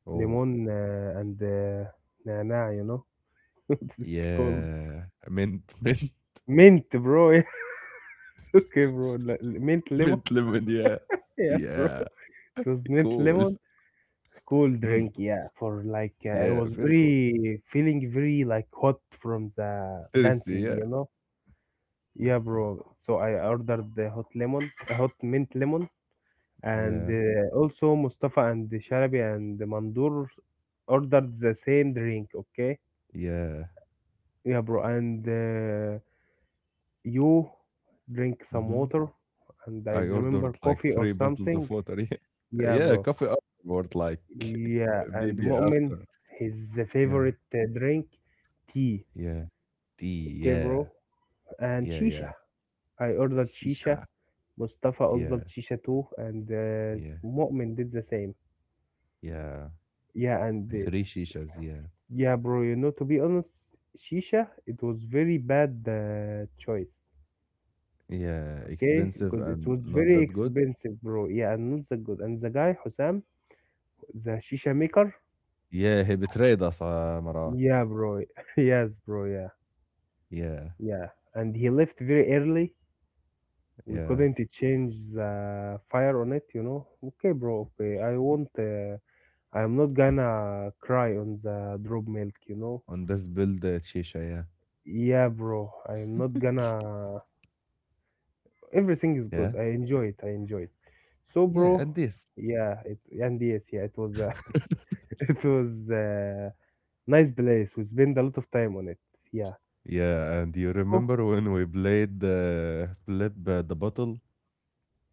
[SPEAKER 1] Oh,
[SPEAKER 2] lemon and nana, you know. (laughs) It's called
[SPEAKER 1] yeah. Mint, (laughs) mint,
[SPEAKER 2] mint, bro. (laughs) Okay, bro, like, mint lemon.
[SPEAKER 1] mint lemon. Yeah.
[SPEAKER 2] (laughs) Yeah, bro,
[SPEAKER 1] Yeah.
[SPEAKER 2] it was mint
[SPEAKER 1] Cool.
[SPEAKER 2] lemon. Cool
[SPEAKER 1] Mm.
[SPEAKER 2] drink, yeah. For like, I
[SPEAKER 1] Yeah.
[SPEAKER 2] was
[SPEAKER 1] Very cool.
[SPEAKER 2] very feeling very like hot from the
[SPEAKER 1] Thirsty.
[SPEAKER 2] dancing,
[SPEAKER 1] Yeah.
[SPEAKER 2] you know. Yeah, bro. So I ordered the hot lemon, a hot mint lemon, and
[SPEAKER 1] Yeah.
[SPEAKER 2] also Mustafa and Sharabi and Mandur ordered the same drink. Okay.
[SPEAKER 1] Yeah.
[SPEAKER 2] Yeah, bro. And you drink some
[SPEAKER 1] Hmm.
[SPEAKER 2] water, and I
[SPEAKER 1] I
[SPEAKER 2] remember
[SPEAKER 1] ordered like
[SPEAKER 2] coffee or
[SPEAKER 1] three bottles of
[SPEAKER 2] something.
[SPEAKER 1] water. (laughs) Yeah.
[SPEAKER 2] Yeah,
[SPEAKER 1] Yeah.
[SPEAKER 2] bro.
[SPEAKER 1] Coffee afterward, like
[SPEAKER 2] Yeah,
[SPEAKER 1] (laughs)
[SPEAKER 2] and
[SPEAKER 1] maybe
[SPEAKER 2] Mu'min,
[SPEAKER 1] after.
[SPEAKER 2] his
[SPEAKER 1] Yeah.
[SPEAKER 2] favorite drink, tea.
[SPEAKER 1] Yeah. Tea. Yeah.
[SPEAKER 2] Gabriel, and
[SPEAKER 1] Yeah.
[SPEAKER 2] Shisha.
[SPEAKER 1] Yeah.
[SPEAKER 2] I ordered Shisha.
[SPEAKER 1] Shisha.
[SPEAKER 2] Mustafa
[SPEAKER 1] Yeah.
[SPEAKER 2] ordered Shisha too, and
[SPEAKER 1] Yeah.
[SPEAKER 2] Mu'min did the same.
[SPEAKER 1] Yeah.
[SPEAKER 2] Yeah, and
[SPEAKER 1] Three shishas. Yeah.
[SPEAKER 2] yeah, bro, you know, to be honest, Shisha, it was very bad choice.
[SPEAKER 1] Yeah,
[SPEAKER 2] Okay,
[SPEAKER 1] expensive
[SPEAKER 2] because it
[SPEAKER 1] and
[SPEAKER 2] was
[SPEAKER 1] not
[SPEAKER 2] very
[SPEAKER 1] that good?
[SPEAKER 2] expensive, bro. Yeah, and not that good. And the guy, Hussam, the Shisha maker,
[SPEAKER 1] Yeah, he betrayed us, Marwan.
[SPEAKER 2] yeah, bro. (laughs) Yes, bro, yeah.
[SPEAKER 1] Yeah,
[SPEAKER 2] Yeah. And he left very early. We
[SPEAKER 1] yeah.
[SPEAKER 2] couldn't change the fire on it, you know. Okay, bro, okay. I want I'm not gonna cry on the drop milk, you know?
[SPEAKER 1] On this build, Shisha, yeah.
[SPEAKER 2] Yeah, bro. I'm not gonna. Everything is good.
[SPEAKER 1] Yeah,
[SPEAKER 2] I enjoy it. I enjoy it. So,
[SPEAKER 1] yeah,
[SPEAKER 2] bro,
[SPEAKER 1] and this.
[SPEAKER 2] yeah, it and yes, yeah, it was
[SPEAKER 1] (laughs)
[SPEAKER 2] (laughs) it was nice place. We spent a lot of time on it. Yeah.
[SPEAKER 1] Yeah, and you
[SPEAKER 2] Oh,
[SPEAKER 1] remember when we played Flip the Bottle?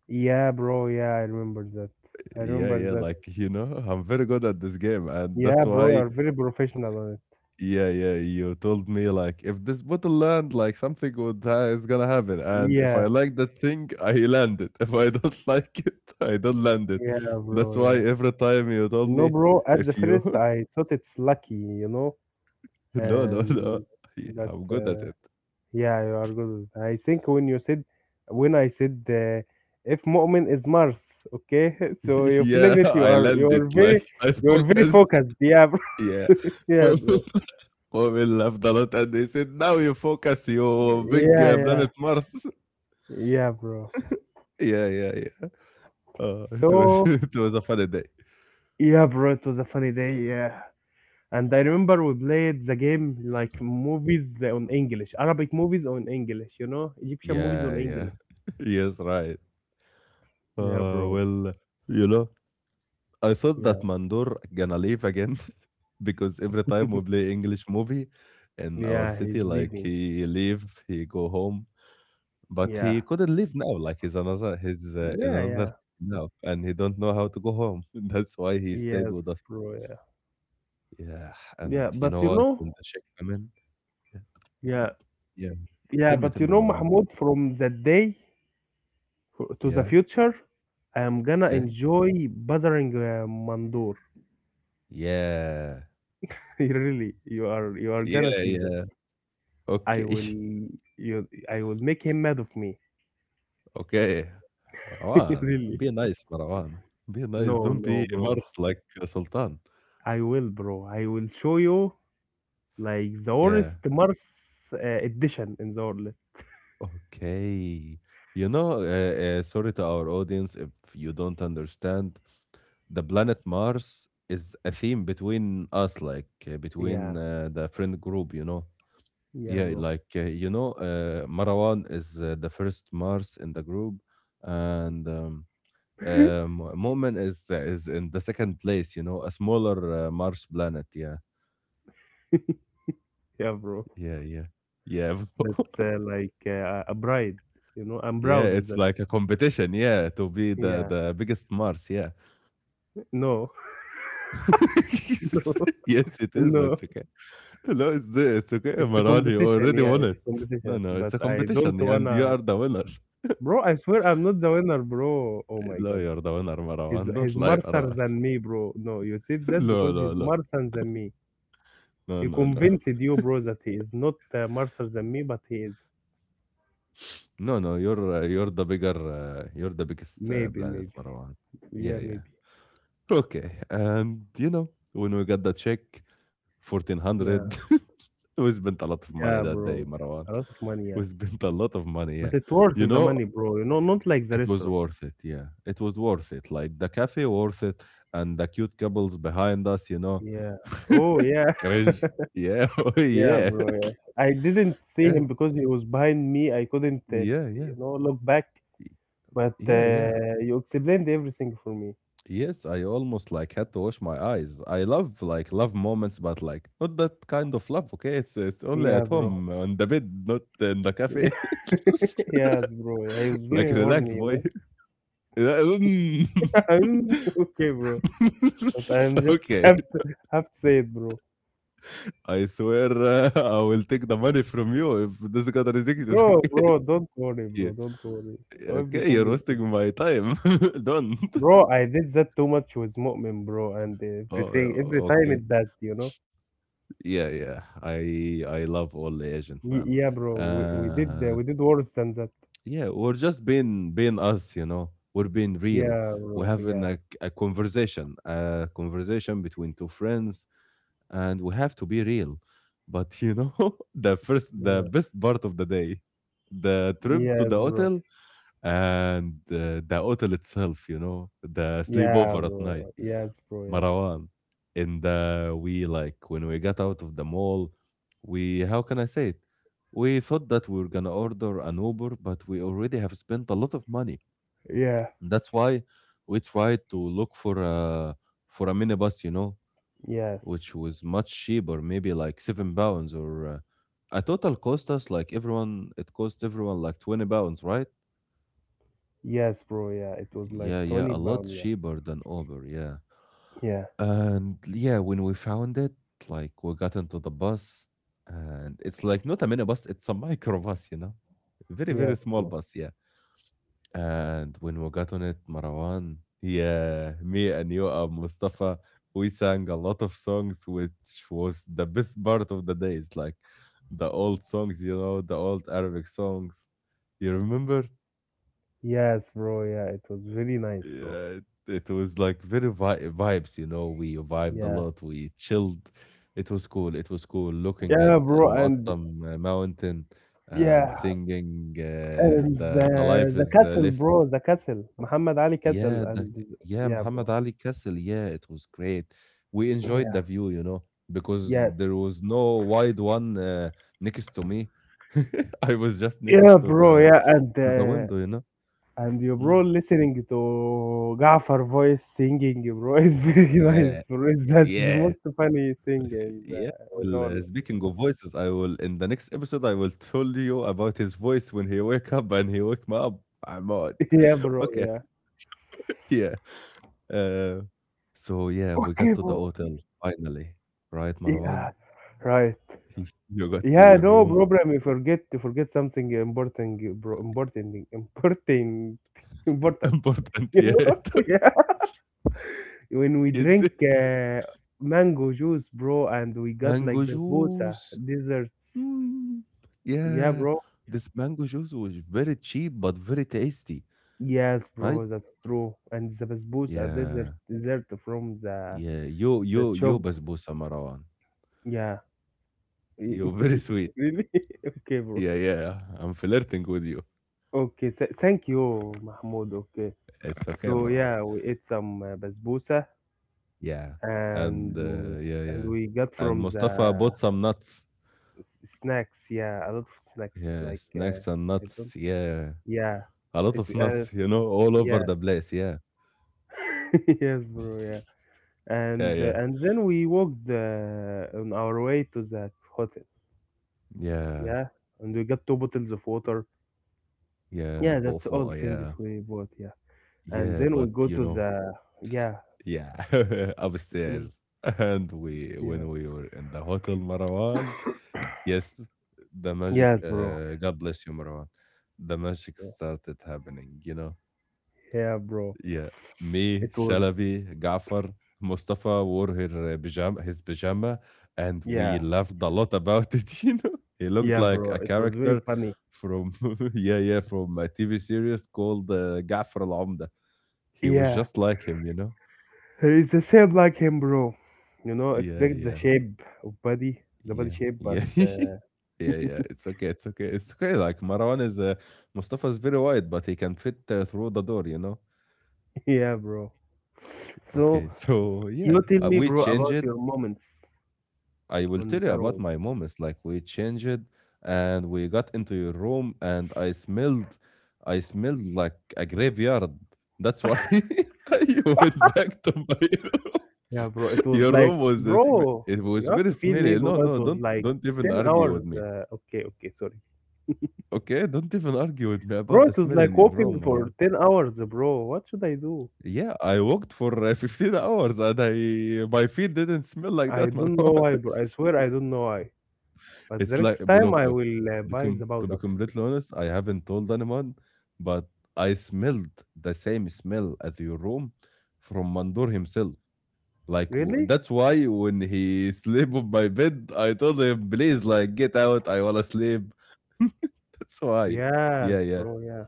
[SPEAKER 2] yeah, bro. Yeah, I remember that. I
[SPEAKER 1] Yeah,
[SPEAKER 2] remember
[SPEAKER 1] yeah,
[SPEAKER 2] that.
[SPEAKER 1] like, you know, I'm very good at this game, and
[SPEAKER 2] Yeah,
[SPEAKER 1] that's
[SPEAKER 2] bro,
[SPEAKER 1] why.
[SPEAKER 2] you're very professional on it.
[SPEAKER 1] Yeah, yeah, you told me like, if this bottle land, like something would is gonna happen, and if
[SPEAKER 2] Yeah,
[SPEAKER 1] I like that thing, I land it. (laughs) If I don't (laughs) like it, I don't land it.
[SPEAKER 2] yeah,
[SPEAKER 1] That's
[SPEAKER 2] bro.
[SPEAKER 1] why
[SPEAKER 2] Yeah.
[SPEAKER 1] every time you told
[SPEAKER 2] No,
[SPEAKER 1] me,
[SPEAKER 2] bro. At the
[SPEAKER 1] if
[SPEAKER 2] first,
[SPEAKER 1] you
[SPEAKER 2] I thought it's lucky, you know,
[SPEAKER 1] (laughs) no, no, no,
[SPEAKER 2] and
[SPEAKER 1] yeah,
[SPEAKER 2] but.
[SPEAKER 1] I'm good at it.
[SPEAKER 2] Yeah, you are good. I think when I said, if Mu'min is Mars, okay, (laughs) so
[SPEAKER 1] (laughs)
[SPEAKER 2] you flip
[SPEAKER 1] Yeah,
[SPEAKER 2] it. You
[SPEAKER 1] I
[SPEAKER 2] are you are
[SPEAKER 1] landed,
[SPEAKER 2] very
[SPEAKER 1] like I
[SPEAKER 2] you are very
[SPEAKER 1] focused. (laughs)
[SPEAKER 2] focused. Yeah, bro.
[SPEAKER 1] Yeah,
[SPEAKER 2] (laughs) Yeah, bro.
[SPEAKER 1] women, (laughs) women laughed a lot, and they said, "Now you focus, you big
[SPEAKER 2] Yeah, yeah,
[SPEAKER 1] planet Mars." (laughs)
[SPEAKER 2] yeah, bro.
[SPEAKER 1] Yeah, yeah, yeah. It was, (laughs)
[SPEAKER 2] So
[SPEAKER 1] it was a funny day.
[SPEAKER 2] yeah, bro. It was a funny day. Yeah, and I remember we played the game like movies on English, Arabic movies on English. You know, Egyptian movies
[SPEAKER 1] Yeah,
[SPEAKER 2] on
[SPEAKER 1] yeah.
[SPEAKER 2] English.
[SPEAKER 1] (laughs) Yes, right.
[SPEAKER 2] Yeah,
[SPEAKER 1] Uh,
[SPEAKER 2] bro.
[SPEAKER 1] well, you know, I thought that
[SPEAKER 2] Yeah,
[SPEAKER 1] Mandor gonna leave again, (laughs) because every time we play English movie in our
[SPEAKER 2] yeah. He's
[SPEAKER 1] city, like
[SPEAKER 2] leaving.
[SPEAKER 1] he leave, he go home, but
[SPEAKER 2] Yeah,
[SPEAKER 1] he couldn't leave now. Like, he's in
[SPEAKER 2] yeah,
[SPEAKER 1] another city
[SPEAKER 2] yeah.
[SPEAKER 1] now, and he don't know how to go home. (laughs) That's why he stayed
[SPEAKER 2] Yes,
[SPEAKER 1] with us.
[SPEAKER 2] bro. Yeah.
[SPEAKER 1] Yeah, and
[SPEAKER 2] Yeah,
[SPEAKER 1] you know
[SPEAKER 2] but you
[SPEAKER 1] what?
[SPEAKER 2] know,
[SPEAKER 1] When the sheikh come in, yeah,
[SPEAKER 2] yeah,
[SPEAKER 1] yeah.
[SPEAKER 2] yeah, but
[SPEAKER 1] Tell
[SPEAKER 2] you
[SPEAKER 1] me,
[SPEAKER 2] know,
[SPEAKER 1] Maran.
[SPEAKER 2] Mahmoud, from that day to the
[SPEAKER 1] Yeah,
[SPEAKER 2] future, I am gonna
[SPEAKER 1] okay.
[SPEAKER 2] enjoy bothering Mandur.
[SPEAKER 1] Yeah,
[SPEAKER 2] (laughs) Really, you are gonna
[SPEAKER 1] yeah,
[SPEAKER 2] see that.
[SPEAKER 1] yeah.
[SPEAKER 2] I
[SPEAKER 1] Okay.
[SPEAKER 2] will
[SPEAKER 1] (laughs)
[SPEAKER 2] I will make him mad of me.
[SPEAKER 1] Okay.
[SPEAKER 2] (laughs)
[SPEAKER 1] Marwan.
[SPEAKER 2] Really.
[SPEAKER 1] Be nice, Marwan. Be nice.
[SPEAKER 2] No,
[SPEAKER 1] Don't
[SPEAKER 2] no,
[SPEAKER 1] be
[SPEAKER 2] bro.
[SPEAKER 1] Mars like Sultan.
[SPEAKER 2] I will, bro. I will show you like the worst
[SPEAKER 1] Yeah.
[SPEAKER 2] Mars uh, edition in the world.
[SPEAKER 1] Okay. You know, sorry to our audience if you don't understand, the planet Mars is a theme between us, like
[SPEAKER 2] Yeah,
[SPEAKER 1] between the friend group, you know.
[SPEAKER 2] yeah,
[SPEAKER 1] Yeah,
[SPEAKER 2] bro.
[SPEAKER 1] like, you know, Marwan is the first Mars in the group, and
[SPEAKER 2] (laughs)
[SPEAKER 1] Moomin is in the second place, you know, a smaller Mars planet. Yeah,
[SPEAKER 2] Yeah, bro.
[SPEAKER 1] yeah, yeah, yeah,
[SPEAKER 2] That's
[SPEAKER 1] (laughs)
[SPEAKER 2] like a bride. You know, I'm
[SPEAKER 1] yeah.
[SPEAKER 2] proud of
[SPEAKER 1] It's
[SPEAKER 2] that.
[SPEAKER 1] like a competition. Yeah, to be the
[SPEAKER 2] Yeah.
[SPEAKER 1] the biggest Mars. Yeah.
[SPEAKER 2] No. (laughs)
[SPEAKER 1] (laughs) Yes, it
[SPEAKER 2] No.
[SPEAKER 1] is.
[SPEAKER 2] No.
[SPEAKER 1] It's okay. No, it's there. It's okay,
[SPEAKER 2] It's a
[SPEAKER 1] Maran, you
[SPEAKER 2] competition.
[SPEAKER 1] already
[SPEAKER 2] Yeah,
[SPEAKER 1] won
[SPEAKER 2] it's
[SPEAKER 1] it.
[SPEAKER 2] a
[SPEAKER 1] No,
[SPEAKER 2] competition.
[SPEAKER 1] no, it's
[SPEAKER 2] But
[SPEAKER 1] a
[SPEAKER 2] I don't
[SPEAKER 1] competition, and you
[SPEAKER 2] wanna,
[SPEAKER 1] are the winner.
[SPEAKER 2] bro, I swear I'm not the winner, bro. Oh my
[SPEAKER 1] No,
[SPEAKER 2] god.
[SPEAKER 1] you're the winner,
[SPEAKER 2] He's
[SPEAKER 1] Marwan.
[SPEAKER 2] he's
[SPEAKER 1] Don't lie,
[SPEAKER 2] smarter
[SPEAKER 1] Marwan.
[SPEAKER 2] than me, bro. No, you said
[SPEAKER 1] (laughs)
[SPEAKER 2] that
[SPEAKER 1] No,
[SPEAKER 2] because
[SPEAKER 1] no,
[SPEAKER 2] he's
[SPEAKER 1] no,
[SPEAKER 2] smarter than me.
[SPEAKER 1] no,
[SPEAKER 2] He
[SPEAKER 1] no, no,
[SPEAKER 2] convinced you, bro, that he is not smarter than me, but he is.
[SPEAKER 1] no, no. You're the bigger. You're the biggest
[SPEAKER 2] Maybe,
[SPEAKER 1] planet,
[SPEAKER 2] maybe.
[SPEAKER 1] Marwan. Yeah,
[SPEAKER 2] Yeah,
[SPEAKER 1] yeah.
[SPEAKER 2] maybe.
[SPEAKER 1] Okay, and you know, when we got the check,
[SPEAKER 2] Yeah.
[SPEAKER 1] 1,400, (laughs) we spent a lot of
[SPEAKER 2] Yeah,
[SPEAKER 1] money that
[SPEAKER 2] bro.
[SPEAKER 1] day,
[SPEAKER 2] A
[SPEAKER 1] Marwan.
[SPEAKER 2] lot of money, yeah.
[SPEAKER 1] We spent a lot of money, yeah.
[SPEAKER 2] But it worth
[SPEAKER 1] You
[SPEAKER 2] the
[SPEAKER 1] know,
[SPEAKER 2] money, bro. You know, not like the
[SPEAKER 1] it was
[SPEAKER 2] restaurant.
[SPEAKER 1] worth it, yeah. It was worth it. Like, the cafe worth it, and the cute couples behind us, you know.
[SPEAKER 2] Yeah. Oh, yeah.
[SPEAKER 1] Cringe.
[SPEAKER 2] (laughs)
[SPEAKER 1] Yeah, (laughs) oh,
[SPEAKER 2] Yeah,
[SPEAKER 1] yeah.
[SPEAKER 2] bro. Yeah. I didn't see
[SPEAKER 1] Yeah.
[SPEAKER 2] him because he was behind me. I couldn't,
[SPEAKER 1] Yeah, yeah.
[SPEAKER 2] you know, look back. But
[SPEAKER 1] Yeah, yeah.
[SPEAKER 2] you explained everything for me.
[SPEAKER 1] Yes, I almost like had to wash my eyes. I love like love moments, but like not that kind of love. Okay, it's only
[SPEAKER 2] Yeah,
[SPEAKER 1] at
[SPEAKER 2] bro.
[SPEAKER 1] home on the bed, not in the cafe.
[SPEAKER 2] (laughs) Yes, bro. Yeah, he was
[SPEAKER 1] (laughs) Like,
[SPEAKER 2] very
[SPEAKER 1] relax,
[SPEAKER 2] horny,
[SPEAKER 1] boy.
[SPEAKER 2] you
[SPEAKER 1] (laughs) Mm.
[SPEAKER 2] know. (laughs) Okay, bro. But I'm
[SPEAKER 1] (laughs)
[SPEAKER 2] just (laughs)
[SPEAKER 1] Okay,
[SPEAKER 2] have to say it, bro.
[SPEAKER 1] I swear, I will take the money from you if this got rejected. (laughs)
[SPEAKER 2] Bro,
[SPEAKER 1] Okay.
[SPEAKER 2] bro, don't worry, bro. Don't worry.
[SPEAKER 1] Yeah, okay,
[SPEAKER 2] Everything
[SPEAKER 1] you're
[SPEAKER 2] is good,
[SPEAKER 1] wasting my time. (laughs) Don't.
[SPEAKER 2] bro. I did that too much with Mu'min, bro, and
[SPEAKER 1] Oh,
[SPEAKER 2] everything every time
[SPEAKER 1] okay.
[SPEAKER 2] it passed, you know.
[SPEAKER 1] Yeah, yeah. I love all agent man.
[SPEAKER 2] Yeah, bro. We did
[SPEAKER 1] Uh,
[SPEAKER 2] we did worse than that.
[SPEAKER 1] Yeah we're just being us, you know. We're being real.
[SPEAKER 2] Yeah,
[SPEAKER 1] We're
[SPEAKER 2] bro.
[SPEAKER 1] having
[SPEAKER 2] Yeah.
[SPEAKER 1] a conversation, a conversation between two friends, and we have to be real. But you know, (laughs) the first,
[SPEAKER 2] Yeah.
[SPEAKER 1] the best part of the day, the trip to
[SPEAKER 2] Yes,
[SPEAKER 1] the
[SPEAKER 2] bro.
[SPEAKER 1] hotel, and the hotel itself. You know, the
[SPEAKER 2] Yeah,
[SPEAKER 1] sleepover at night.
[SPEAKER 2] bro. Yes, bro.
[SPEAKER 1] Marwan. And we, like, when we got out of the mall, we, how can I say it? We thought that we were gonna order an Uber, but we already have spent a lot of money.
[SPEAKER 2] Yeah. Yeah.
[SPEAKER 1] And that's why we tried to look for a minibus, you know,
[SPEAKER 2] Yes.
[SPEAKER 1] which was much cheaper, maybe like £7 or a total cost us like everyone. It cost everyone like £20, right?
[SPEAKER 2] Yes, bro. Yeah. It was like
[SPEAKER 1] Yeah, yeah, a
[SPEAKER 2] 20
[SPEAKER 1] lot
[SPEAKER 2] pound. Yeah.
[SPEAKER 1] cheaper than Uber. Yeah.
[SPEAKER 2] Yeah.
[SPEAKER 1] And yeah, when we found it, like we got into the bus, and it's like not a minibus, it's a microbus, you know? Very, very
[SPEAKER 2] Yes,
[SPEAKER 1] small
[SPEAKER 2] bro.
[SPEAKER 1] bus, yeah. And when we got on it, Marwan, yeah, me and you and Mustafa, we sang a lot of songs, which was the best part of the day. It's like the old songs, you know, the old Arabic songs. You remember?
[SPEAKER 2] Yes, bro. Yeah. It was really nice, bro.
[SPEAKER 1] Yeah, it was like very vibes, you know. We vibed a
[SPEAKER 2] Yeah.
[SPEAKER 1] lot. We chilled. It was cool. It was cool looking at
[SPEAKER 2] Yeah,
[SPEAKER 1] Al
[SPEAKER 2] bro. And
[SPEAKER 1] Mu'attam mountain and
[SPEAKER 2] yeah.
[SPEAKER 1] singing uh,
[SPEAKER 2] And
[SPEAKER 1] the the
[SPEAKER 2] the,
[SPEAKER 1] life
[SPEAKER 2] the
[SPEAKER 1] is
[SPEAKER 2] castle,
[SPEAKER 1] left.
[SPEAKER 2] bro. The castle. Muhammad Ali castle.
[SPEAKER 1] Yeah,
[SPEAKER 2] And
[SPEAKER 1] the, yeah,
[SPEAKER 2] yeah,
[SPEAKER 1] Muhammad
[SPEAKER 2] bro.
[SPEAKER 1] Ali Castle. Yeah, it was great. We enjoyed
[SPEAKER 2] Yeah.
[SPEAKER 1] the view, you know, because
[SPEAKER 2] Yes.
[SPEAKER 1] there was no wide one next to me. (laughs) I was just next
[SPEAKER 2] Yeah,
[SPEAKER 1] to
[SPEAKER 2] bro.
[SPEAKER 1] the
[SPEAKER 2] Yeah. And
[SPEAKER 1] window, you know.
[SPEAKER 2] and you
[SPEAKER 1] Mm.
[SPEAKER 2] bro listening to Gafar voice singing, bro, is very (laughs)
[SPEAKER 1] Yeah,
[SPEAKER 2] nice, bro. That's the
[SPEAKER 1] yeah. Yeah.
[SPEAKER 2] most funny thing
[SPEAKER 1] Yeah.
[SPEAKER 2] in the
[SPEAKER 1] Well,
[SPEAKER 2] world.
[SPEAKER 1] speaking of voices, I will, in the next episode, I will tell you about his voice when he wake up and he wake me up. I'm out.
[SPEAKER 2] (laughs) Yeah,
[SPEAKER 1] (laughs)
[SPEAKER 2] bro,
[SPEAKER 1] Okay.
[SPEAKER 2] yeah.
[SPEAKER 1] Yeah. Uh, so yeah, we got
[SPEAKER 2] Okay,
[SPEAKER 1] to the
[SPEAKER 2] bro.
[SPEAKER 1] hotel finally, right,
[SPEAKER 2] Yeah.
[SPEAKER 1] Marwan?
[SPEAKER 2] Right.
[SPEAKER 1] You got to
[SPEAKER 2] Yeah,
[SPEAKER 1] your
[SPEAKER 2] no
[SPEAKER 1] room.
[SPEAKER 2] problem. You forget something important, bro, important, important, (laughs)
[SPEAKER 1] (laughs)
[SPEAKER 2] important.
[SPEAKER 1] Important
[SPEAKER 2] You know?
[SPEAKER 1] yet?
[SPEAKER 2] (laughs) Yeah. When we
[SPEAKER 1] (laughs) Is
[SPEAKER 2] drink
[SPEAKER 1] it
[SPEAKER 2] uh, mango juice, bro, and we got
[SPEAKER 1] mango
[SPEAKER 2] like the bosa
[SPEAKER 1] juice?
[SPEAKER 2] desserts.
[SPEAKER 1] Mm.
[SPEAKER 2] Yeah,
[SPEAKER 1] Yeah.
[SPEAKER 2] bro.
[SPEAKER 1] This mango juice was very cheap but very tasty,
[SPEAKER 2] Yes,
[SPEAKER 1] right?
[SPEAKER 2] bro, that's true. And the basbousa are desert
[SPEAKER 1] Yeah.
[SPEAKER 2] dessert from the
[SPEAKER 1] Yeah. You
[SPEAKER 2] the
[SPEAKER 1] you you
[SPEAKER 2] shop.
[SPEAKER 1] basbousa, Marwan.
[SPEAKER 2] Yeah.
[SPEAKER 1] You're very
[SPEAKER 2] (laughs)
[SPEAKER 1] sweet.
[SPEAKER 2] Really? (laughs) Okay, bro.
[SPEAKER 1] Yeah, yeah. I'm flirting with you.
[SPEAKER 2] Okay, th thank you, Mahmoud. Okay.
[SPEAKER 1] It's okay,
[SPEAKER 2] So
[SPEAKER 1] Marwa.
[SPEAKER 2] yeah, we ate some basbousa
[SPEAKER 1] Yeah. And
[SPEAKER 2] and w-
[SPEAKER 1] yeah,
[SPEAKER 2] and
[SPEAKER 1] yeah.
[SPEAKER 2] we got
[SPEAKER 1] And
[SPEAKER 2] from the
[SPEAKER 1] Mustafa bought some nuts.
[SPEAKER 2] snacks. Yeah, a lot of snacks
[SPEAKER 1] Yeah,
[SPEAKER 2] like
[SPEAKER 1] snacks and
[SPEAKER 2] I
[SPEAKER 1] nuts.
[SPEAKER 2] don't.
[SPEAKER 1] Yeah.
[SPEAKER 2] Yeah.
[SPEAKER 1] A lot
[SPEAKER 2] It
[SPEAKER 1] of (laughs) nuts, all over
[SPEAKER 2] yeah.
[SPEAKER 1] the place. Yeah.
[SPEAKER 2] (laughs) Yes, bro. Yeah.
[SPEAKER 1] Yeah,
[SPEAKER 2] And
[SPEAKER 1] yeah.
[SPEAKER 2] uh, and then we walked on our way to the hotel.
[SPEAKER 1] Yeah.
[SPEAKER 2] Yeah, and we got two bottles of water.
[SPEAKER 1] Yeah.
[SPEAKER 2] Yeah,
[SPEAKER 1] Bought
[SPEAKER 2] that's all
[SPEAKER 1] for,
[SPEAKER 2] things
[SPEAKER 1] yeah.
[SPEAKER 2] we bought. Yeah, and
[SPEAKER 1] Yeah,
[SPEAKER 2] then we
[SPEAKER 1] but
[SPEAKER 2] go to the yeah,
[SPEAKER 1] yeah. (laughs)
[SPEAKER 2] and
[SPEAKER 1] Upstairs. And we,
[SPEAKER 2] yeah,
[SPEAKER 1] when we were in the hotel, Marwan, yes, the magic,
[SPEAKER 2] yes, bro.
[SPEAKER 1] God bless you, Marwan. The magic
[SPEAKER 2] Yeah,
[SPEAKER 1] started happening.
[SPEAKER 2] yeah, bro.
[SPEAKER 1] Yeah. Me,
[SPEAKER 2] It was
[SPEAKER 1] Shalabi, Gafar, Mustafa wore her pajama, his pajama, and we
[SPEAKER 2] yeah,
[SPEAKER 1] laughed a lot about it. (laughs) He looked
[SPEAKER 2] yeah,
[SPEAKER 1] like
[SPEAKER 2] bro.
[SPEAKER 1] a
[SPEAKER 2] It was very
[SPEAKER 1] character
[SPEAKER 2] funny.
[SPEAKER 1] from (laughs) yeah, yeah, from a TV series called Gafar Al Omda. He was
[SPEAKER 2] Yeah,
[SPEAKER 1] just like him.
[SPEAKER 2] it's the same like him, bro. You know,
[SPEAKER 1] Yeah,
[SPEAKER 2] expect the
[SPEAKER 1] yeah,
[SPEAKER 2] shape of body, the body
[SPEAKER 1] yeah,
[SPEAKER 2] shape, but
[SPEAKER 1] yeah. (laughs) Yeah, yeah, it's okay, it's okay, it's okay. Like Mustafa is very wide, but he can fit through the door.
[SPEAKER 2] (laughs) yeah, bro.
[SPEAKER 1] Okay, (laughs)
[SPEAKER 2] So
[SPEAKER 1] so
[SPEAKER 2] you
[SPEAKER 1] yeah,
[SPEAKER 2] tell me,
[SPEAKER 1] we
[SPEAKER 2] bro, about
[SPEAKER 1] changed.
[SPEAKER 2] your moments
[SPEAKER 1] I will
[SPEAKER 2] on
[SPEAKER 1] tell you
[SPEAKER 2] the
[SPEAKER 1] about
[SPEAKER 2] road.
[SPEAKER 1] my moments. Like, we changed and we got into your room, and I smelled like a graveyard. That's why (laughs) I went back to my room.
[SPEAKER 2] Yeah, bro. It
[SPEAKER 1] (laughs)
[SPEAKER 2] was
[SPEAKER 1] Your
[SPEAKER 2] like,
[SPEAKER 1] room was,
[SPEAKER 2] bro,
[SPEAKER 1] it was
[SPEAKER 2] you have
[SPEAKER 1] very
[SPEAKER 2] to feed me,
[SPEAKER 1] smelly.
[SPEAKER 2] bro.
[SPEAKER 1] No,
[SPEAKER 2] It
[SPEAKER 1] no,
[SPEAKER 2] was
[SPEAKER 1] don't
[SPEAKER 2] like
[SPEAKER 1] don't even
[SPEAKER 2] 10
[SPEAKER 1] argue
[SPEAKER 2] hours.
[SPEAKER 1] with me.
[SPEAKER 2] Okay, okay, sorry.
[SPEAKER 1] Okay, don't even argue with me
[SPEAKER 2] Bro,
[SPEAKER 1] about the
[SPEAKER 2] it was
[SPEAKER 1] smell in
[SPEAKER 2] like
[SPEAKER 1] your room,
[SPEAKER 2] walking
[SPEAKER 1] Marwan.
[SPEAKER 2] for 10 hours, bro. What should I do?
[SPEAKER 1] Yeah, I walked for 15 hours, and I my feet didn't smell like
[SPEAKER 2] I
[SPEAKER 1] that,
[SPEAKER 2] don't know
[SPEAKER 1] Marwan.
[SPEAKER 2] why,
[SPEAKER 1] (laughs)
[SPEAKER 2] bro. I swear I don't know why. But the
[SPEAKER 1] It's like,
[SPEAKER 2] next
[SPEAKER 1] well,
[SPEAKER 2] time
[SPEAKER 1] look,
[SPEAKER 2] I
[SPEAKER 1] look.
[SPEAKER 2] will
[SPEAKER 1] To
[SPEAKER 2] buy
[SPEAKER 1] become,
[SPEAKER 2] the
[SPEAKER 1] com- to be
[SPEAKER 2] powder.
[SPEAKER 1] completely honest, I haven't told anyone, but I smelled the same smell as your room from Mandur himself. Like,
[SPEAKER 2] Really?
[SPEAKER 1] that's why when he (laughs) sleep on my bed, I told him, "Please, like, get out. I wanna sleep." (laughs) That's why. Yeah,
[SPEAKER 2] Yes,
[SPEAKER 1] yeah.
[SPEAKER 2] bro. Yeah.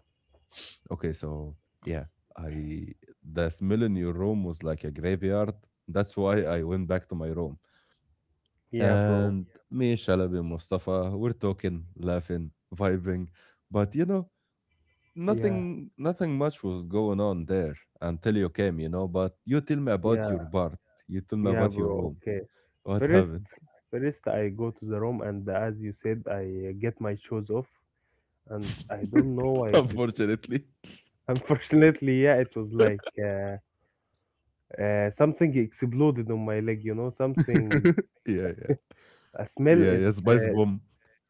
[SPEAKER 1] Okay, so yeah, I the smell in your room was like a graveyard. That's why I went back to my room.
[SPEAKER 2] Yeah, bro.
[SPEAKER 1] And me, Shalabi, Mustafa, we're talking, laughing, vibing, but
[SPEAKER 2] Yeah.
[SPEAKER 1] nothing much was going on there until you came. But you tell me about your
[SPEAKER 2] Yeah.
[SPEAKER 1] part. You tell me
[SPEAKER 2] Yeah,
[SPEAKER 1] about your
[SPEAKER 2] bro.
[SPEAKER 1] room.
[SPEAKER 2] Okay.
[SPEAKER 1] What
[SPEAKER 2] First,
[SPEAKER 1] happened?
[SPEAKER 2] first I go to the room and as you said, I get my shoes off and I don't know why
[SPEAKER 1] (laughs)
[SPEAKER 2] it
[SPEAKER 1] Unfortunately.
[SPEAKER 2] Unfortunately, (laughs) yeah, it was
[SPEAKER 1] (laughs)
[SPEAKER 2] like something exploded on my leg, you know, something,
[SPEAKER 1] Yeah, yeah,
[SPEAKER 2] a smell.
[SPEAKER 1] yeah, yeah. Spice
[SPEAKER 2] It's
[SPEAKER 1] bomb.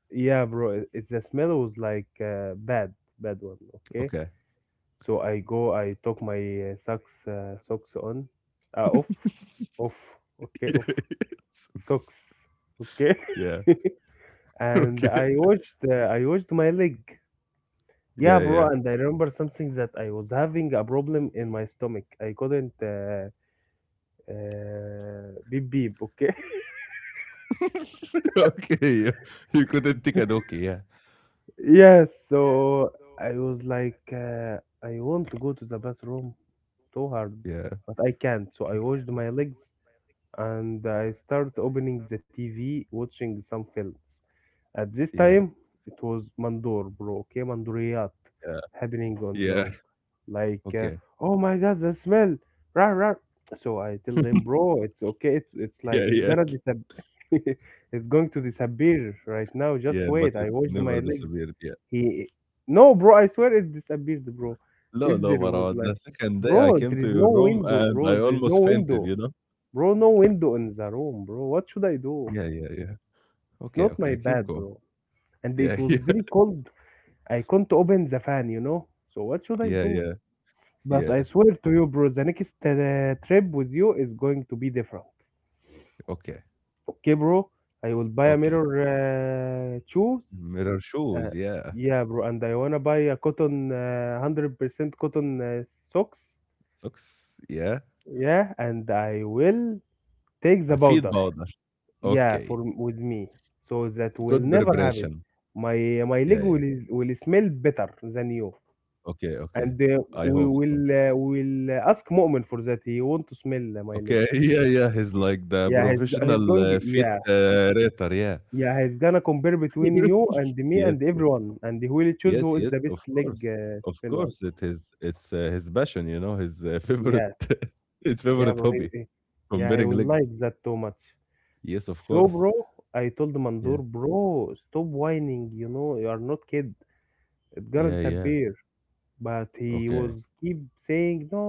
[SPEAKER 2] yeah, bro, it- it's the smell was like bad, bad one, okay?
[SPEAKER 1] Okay.
[SPEAKER 2] So I go, I took my socks, socks on, off,
[SPEAKER 1] (laughs)
[SPEAKER 2] off, okay,
[SPEAKER 1] Yeah,
[SPEAKER 2] off,
[SPEAKER 1] yeah, sucks.
[SPEAKER 2] socks, okay?
[SPEAKER 1] Yeah. (laughs)
[SPEAKER 2] (laughs) And
[SPEAKER 1] Okay.
[SPEAKER 2] I washed my leg. Yeah,
[SPEAKER 1] Yeah,
[SPEAKER 2] bro,
[SPEAKER 1] yeah.
[SPEAKER 2] and I remember something that I was having a problem in my stomach. I couldn't. Beep beep, okay? (laughs)
[SPEAKER 1] (laughs) Okay. Yeah. You couldn't think an okay. Yeah.
[SPEAKER 2] Yes, so I was like, uh, I want to go to the bathroom too hard,
[SPEAKER 1] Yeah.
[SPEAKER 2] but I can't. So I washed my legs and I start opening the TV, watching some films. At this
[SPEAKER 1] Yeah.
[SPEAKER 2] time, it was Mandor, bro. Okay, Mandoriyat
[SPEAKER 1] Yeah.
[SPEAKER 2] happening on the
[SPEAKER 1] Yeah.
[SPEAKER 2] room. Like,
[SPEAKER 1] Okay.
[SPEAKER 2] oh my god, the smell. Rah, rah. So I tell them, bro, it's okay.
[SPEAKER 1] Yeah,
[SPEAKER 2] It's
[SPEAKER 1] yeah.
[SPEAKER 2] gonna disappear. (laughs) It's going to disappear right now. Just
[SPEAKER 1] Yeah, but
[SPEAKER 2] wait. I
[SPEAKER 1] it
[SPEAKER 2] washed my
[SPEAKER 1] never
[SPEAKER 2] legs.
[SPEAKER 1] disappeared, yeah.
[SPEAKER 2] He, no, bro, I swear it disappeared, bro.
[SPEAKER 1] No,
[SPEAKER 2] If
[SPEAKER 1] no,
[SPEAKER 2] there was
[SPEAKER 1] Marwan,
[SPEAKER 2] like,
[SPEAKER 1] the second day I
[SPEAKER 2] bro, there
[SPEAKER 1] came to
[SPEAKER 2] is no
[SPEAKER 1] your room
[SPEAKER 2] window,
[SPEAKER 1] and
[SPEAKER 2] bro.
[SPEAKER 1] I
[SPEAKER 2] There is no
[SPEAKER 1] almost fainted,
[SPEAKER 2] window,
[SPEAKER 1] you know?
[SPEAKER 2] bro. No window in the room, bro. What should I do?
[SPEAKER 1] Yeah, yeah, yeah.
[SPEAKER 2] It's
[SPEAKER 1] Okay,
[SPEAKER 2] not my
[SPEAKER 1] okay, keep
[SPEAKER 2] bad,
[SPEAKER 1] going.
[SPEAKER 2] bro, and
[SPEAKER 1] Yeah,
[SPEAKER 2] it
[SPEAKER 1] (laughs)
[SPEAKER 2] was
[SPEAKER 1] yeah.
[SPEAKER 2] very cold. I couldn't open the fan, you know. So what should I
[SPEAKER 1] Yeah,
[SPEAKER 2] do?
[SPEAKER 1] yeah,
[SPEAKER 2] But I
[SPEAKER 1] yeah.
[SPEAKER 2] swear to you, bro, the next trip with you is going to be different.
[SPEAKER 1] Okay,
[SPEAKER 2] Okay, bro, I will buy a
[SPEAKER 1] okay.
[SPEAKER 2] mirror shoes.
[SPEAKER 1] Mirror
[SPEAKER 2] Uh,
[SPEAKER 1] shoes, yeah.
[SPEAKER 2] yeah, bro, and I wanna buy a cotton, 100% cotton socks.
[SPEAKER 1] Socks, yeah.
[SPEAKER 2] Yeah, and I will take the powder.
[SPEAKER 1] Feet powder.
[SPEAKER 2] Yeah,
[SPEAKER 1] Okay.
[SPEAKER 2] for with me, so that will
[SPEAKER 1] Good
[SPEAKER 2] never happen.
[SPEAKER 1] preparation.
[SPEAKER 2] My my
[SPEAKER 1] Yeah,
[SPEAKER 2] leg
[SPEAKER 1] yeah.
[SPEAKER 2] will smell better than you.
[SPEAKER 1] Okay, okay.
[SPEAKER 2] And uh,
[SPEAKER 1] I
[SPEAKER 2] we
[SPEAKER 1] hope so.
[SPEAKER 2] will uh, we will uh, ask Mu'min for that. He want to smell my leg.
[SPEAKER 1] Okay, (laughs) yeah, yeah. He's like the
[SPEAKER 2] He's
[SPEAKER 1] professional
[SPEAKER 2] going.
[SPEAKER 1] feet
[SPEAKER 2] Yeah,
[SPEAKER 1] rater, yeah.
[SPEAKER 2] yeah, he's gonna compare between you
[SPEAKER 1] (laughs)
[SPEAKER 2] and me
[SPEAKER 1] Yes,
[SPEAKER 2] and
[SPEAKER 1] yes.
[SPEAKER 2] everyone, and he will choose
[SPEAKER 1] Yes,
[SPEAKER 2] who is the
[SPEAKER 1] yes,
[SPEAKER 2] best
[SPEAKER 1] of
[SPEAKER 2] leg
[SPEAKER 1] course, of
[SPEAKER 2] smell one.
[SPEAKER 1] course. It is. It's his passion, his (laughs) favorite,
[SPEAKER 2] Yes,
[SPEAKER 1] (laughs) his
[SPEAKER 2] yeah,
[SPEAKER 1] favorite
[SPEAKER 2] bro.
[SPEAKER 1] hobby,
[SPEAKER 2] Yeah, he
[SPEAKER 1] comparing
[SPEAKER 2] will
[SPEAKER 1] legs.
[SPEAKER 2] like that too much.
[SPEAKER 1] Yes, of
[SPEAKER 2] So,
[SPEAKER 1] course.
[SPEAKER 2] bro, I told Mandur,
[SPEAKER 1] Yeah,
[SPEAKER 2] bro, stop whining. You know, you are not kid. It's gonna
[SPEAKER 1] yeah, yeah.
[SPEAKER 2] disappear. But he
[SPEAKER 1] Okay,
[SPEAKER 2] was keep saying no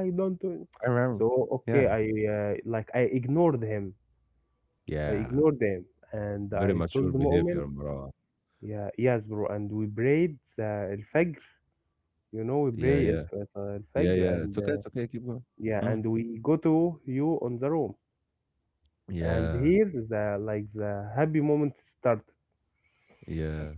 [SPEAKER 2] I don't do it.
[SPEAKER 1] I remember.
[SPEAKER 2] So okay,
[SPEAKER 1] Yeah,
[SPEAKER 2] I ignored him, I
[SPEAKER 1] yeah.
[SPEAKER 2] ignored him and
[SPEAKER 1] Very
[SPEAKER 2] I
[SPEAKER 1] mature
[SPEAKER 2] told the Mu'min,
[SPEAKER 1] behavior, Marwan.
[SPEAKER 2] yeah, yes, bro. And we prayed al-fajr, you know, we
[SPEAKER 1] Yeah,
[SPEAKER 2] pray
[SPEAKER 1] yeah, yeah,
[SPEAKER 2] al-fajr,
[SPEAKER 1] yeah.
[SPEAKER 2] and
[SPEAKER 1] It's okay. It's okay. Keep going.
[SPEAKER 2] yeah.
[SPEAKER 1] Mm.
[SPEAKER 2] And we go to you on the room, and
[SPEAKER 1] Yeah,
[SPEAKER 2] here the like the happy moment start.
[SPEAKER 1] yeah.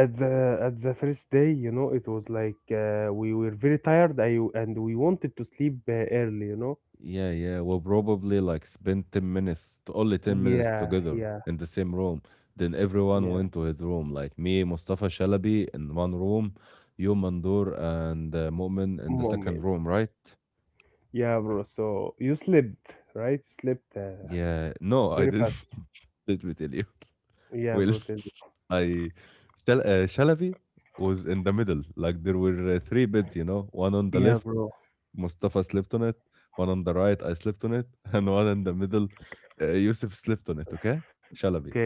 [SPEAKER 2] At the first day, you know, it was like we were very and we wanted to sleep early, you know.
[SPEAKER 1] Yeah, yeah. We'll probably like spend 10 minutes, to only 10 minutes
[SPEAKER 2] Yeah,
[SPEAKER 1] together
[SPEAKER 2] yeah.
[SPEAKER 1] in the same room. Then everyone
[SPEAKER 2] Yeah,
[SPEAKER 1] went to his room, like me, Mustafa Shalabi in one room, you, Mandur, and Mu'min in the second
[SPEAKER 2] moment.
[SPEAKER 1] room, right?
[SPEAKER 2] Yeah, bro. So you slept, right? You slept
[SPEAKER 1] Yeah. No, I
[SPEAKER 2] very
[SPEAKER 1] didn't.
[SPEAKER 2] fast.
[SPEAKER 1] (laughs) Let me tell you.
[SPEAKER 2] Yeah,
[SPEAKER 1] Well,
[SPEAKER 2] bro. Tell me.
[SPEAKER 1] (laughs) I Shal Shalavi was in the middle. Like, there were three beds, one on the
[SPEAKER 2] Yeah,
[SPEAKER 1] left,
[SPEAKER 2] bro.
[SPEAKER 1] Mustafa slept on it, one on the right, I slept on it, (laughs) and one in the middle, Yusuf slept on it. Okay, Shalavi.
[SPEAKER 2] Okay,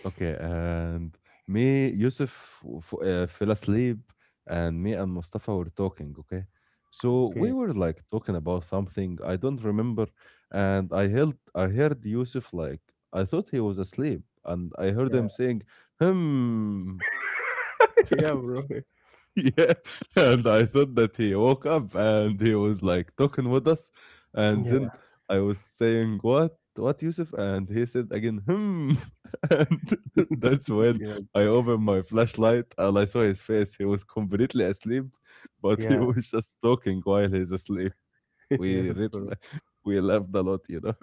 [SPEAKER 1] Okay, and me, Yusuf fell asleep, and me and Mustafa were talking. Okay, so
[SPEAKER 2] okay.
[SPEAKER 1] we were like talking about something I don't remember, and I heard Yusuf like, I thought he was asleep, and I heard
[SPEAKER 2] Yeah,
[SPEAKER 1] him saying, "Hmm,"
[SPEAKER 2] (laughs) yeah, bro.
[SPEAKER 1] yeah. (laughs) And I thought that he woke up and he was like talking with us. And then
[SPEAKER 2] Yeah,
[SPEAKER 1] I was saying, what Yusuf?" And he said again, "Hmm." (laughs) And (laughs) that's when
[SPEAKER 2] yeah,
[SPEAKER 1] I opened my flashlight and I saw his face. He was completely asleep, but he
[SPEAKER 2] yeah.
[SPEAKER 1] was (laughs) just talking while he's asleep.
[SPEAKER 2] (laughs)
[SPEAKER 1] we
[SPEAKER 2] Yes,
[SPEAKER 1] read
[SPEAKER 2] bro.
[SPEAKER 1] like, we laughed a lot,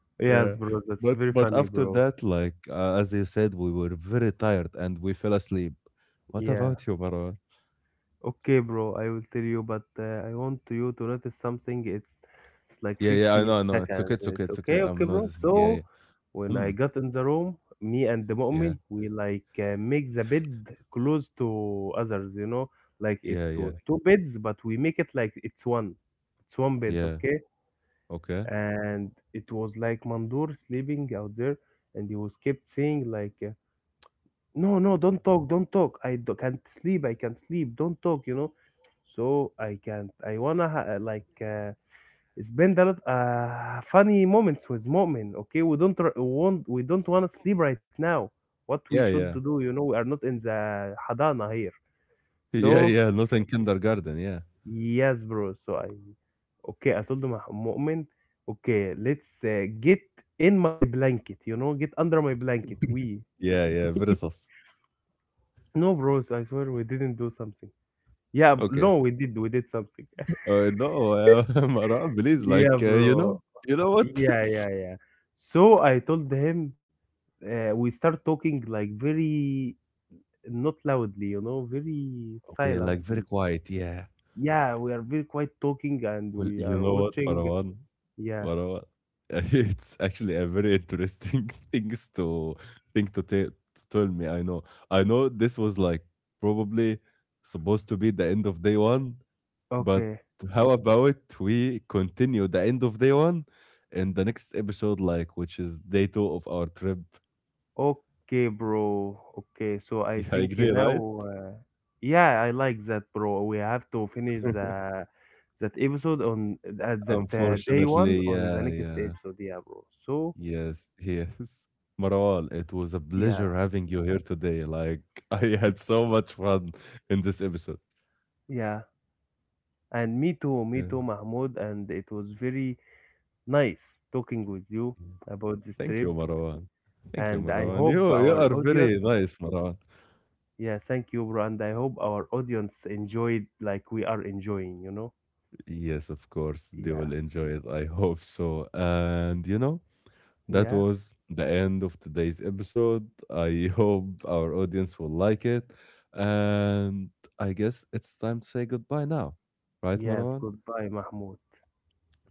[SPEAKER 1] (laughs) yeah.
[SPEAKER 2] Yes, bro. That's
[SPEAKER 1] but
[SPEAKER 2] very
[SPEAKER 1] but
[SPEAKER 2] funny,
[SPEAKER 1] after
[SPEAKER 2] bro.
[SPEAKER 1] that, like, as you said, we were very tired and we fell asleep. What
[SPEAKER 2] Yeah.
[SPEAKER 1] about you, Marwan?
[SPEAKER 2] Okay, bro, I will tell you, but I want you to notice something. It's like
[SPEAKER 1] Yeah, yeah, I
[SPEAKER 2] 50
[SPEAKER 1] know, I know. It's okay,
[SPEAKER 2] seconds.
[SPEAKER 1] it's okay,
[SPEAKER 2] It's
[SPEAKER 1] it's okay.
[SPEAKER 2] okay, okay,
[SPEAKER 1] I'm not.
[SPEAKER 2] bro.
[SPEAKER 1] Yeah, yeah.
[SPEAKER 2] So when I
[SPEAKER 1] Hmm.
[SPEAKER 2] got in the room, me and the
[SPEAKER 1] Yeah,
[SPEAKER 2] Mu'min, we like make the bed close to others, you know, like it
[SPEAKER 1] yeah, yeah,
[SPEAKER 2] was two beds, but we make it like it's one. It's one bed,
[SPEAKER 1] yeah.
[SPEAKER 2] okay?
[SPEAKER 1] Okay.
[SPEAKER 2] And it was like Mandur sleeping out there, and he was kept saying like no, no, don't talk, don't talk, can't sleep, I can't sleep, don't talk, you know. So I can't, I wanna ha- like spend a lot funny moments with Mu'min. Okay, we don't wanna sleep right now. What we
[SPEAKER 1] Yeah,
[SPEAKER 2] should
[SPEAKER 1] yeah. (laughs)
[SPEAKER 2] do, you know, we are not in the hadana here.
[SPEAKER 1] Yeah,
[SPEAKER 2] So
[SPEAKER 1] yeah. Not in kindergarten. Yeah.
[SPEAKER 2] yes, bro, so I okay, I told him, Mu'min, okay, let's get in my blanket, you know, get under my blanket. We
[SPEAKER 1] Yeah, yeah. Very sus.
[SPEAKER 2] No, bros, I swear we didn't do something.
[SPEAKER 1] Okay.
[SPEAKER 2] No, we did something. (laughs)
[SPEAKER 1] No, (laughs) Maran, please,
[SPEAKER 2] Yeah,
[SPEAKER 1] like,
[SPEAKER 2] bro.
[SPEAKER 1] you know what?
[SPEAKER 2] Yeah, yeah,
[SPEAKER 1] (laughs)
[SPEAKER 2] yeah. So I told him we start talking like very not loudly, you know, very
[SPEAKER 1] Okay, like, very
[SPEAKER 2] silently.
[SPEAKER 1] quiet. Yeah.
[SPEAKER 2] Yeah, we are very quiet talking and
[SPEAKER 1] Well,
[SPEAKER 2] we
[SPEAKER 1] you
[SPEAKER 2] are
[SPEAKER 1] know what,
[SPEAKER 2] watching.
[SPEAKER 1] Parawan?
[SPEAKER 2] Yeah.
[SPEAKER 1] What a what? (laughs) It's actually a very interesting (laughs) things to think to, te- to tell me. I know this was like probably supposed to be the end of day one, but
[SPEAKER 2] Okay.
[SPEAKER 1] how about we continue the end of day one in the next episode, like, which is day two of our trip? (laughs)
[SPEAKER 2] Okay, bro. Okay. So I
[SPEAKER 1] Yeah, I
[SPEAKER 2] think
[SPEAKER 1] agree, right?
[SPEAKER 2] now yeah, I like that, bro. We have to finish
[SPEAKER 1] (laughs)
[SPEAKER 2] the that episode on at that day
[SPEAKER 1] Unfortunately,
[SPEAKER 2] one on the
[SPEAKER 1] yeah,
[SPEAKER 2] next
[SPEAKER 1] yeah.
[SPEAKER 2] episode, yeah, bro. So
[SPEAKER 1] Yes, (laughs) yes. Marwal, it was a
[SPEAKER 2] yeah,
[SPEAKER 1] pleasure having you here today. Like, (laughs) I had so much fun in this episode.
[SPEAKER 2] yeah. And me
[SPEAKER 1] Yeah.
[SPEAKER 2] too, Mahmoud. And it was very nice talking with you
[SPEAKER 1] Yeah.
[SPEAKER 2] about this
[SPEAKER 1] Thank
[SPEAKER 2] trip.
[SPEAKER 1] you, Marwan. Thank
[SPEAKER 2] And
[SPEAKER 1] you,
[SPEAKER 2] I
[SPEAKER 1] Marwan. You
[SPEAKER 2] hope
[SPEAKER 1] you
[SPEAKER 2] our
[SPEAKER 1] are very
[SPEAKER 2] audience,
[SPEAKER 1] nice, Marwan.
[SPEAKER 2] yeah, thank you, bro. And I hope our audience enjoyed like we are enjoying, you know?
[SPEAKER 1] Yes, of course. They
[SPEAKER 2] Yeah,
[SPEAKER 1] will enjoy it. I hope so. And that
[SPEAKER 2] yeah,
[SPEAKER 1] was the end of today's episode. I (laughs) hope our audience will like it. And I guess it's time to say goodbye now. Right,
[SPEAKER 2] yes.
[SPEAKER 1] Marwan?
[SPEAKER 2] Goodbye, Mahmoud.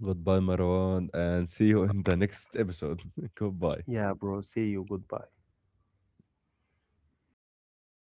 [SPEAKER 1] Goodbye, Marwan, and see you in the next episode. (laughs) Goodbye.
[SPEAKER 2] Yeah, bro. See you. Goodbye.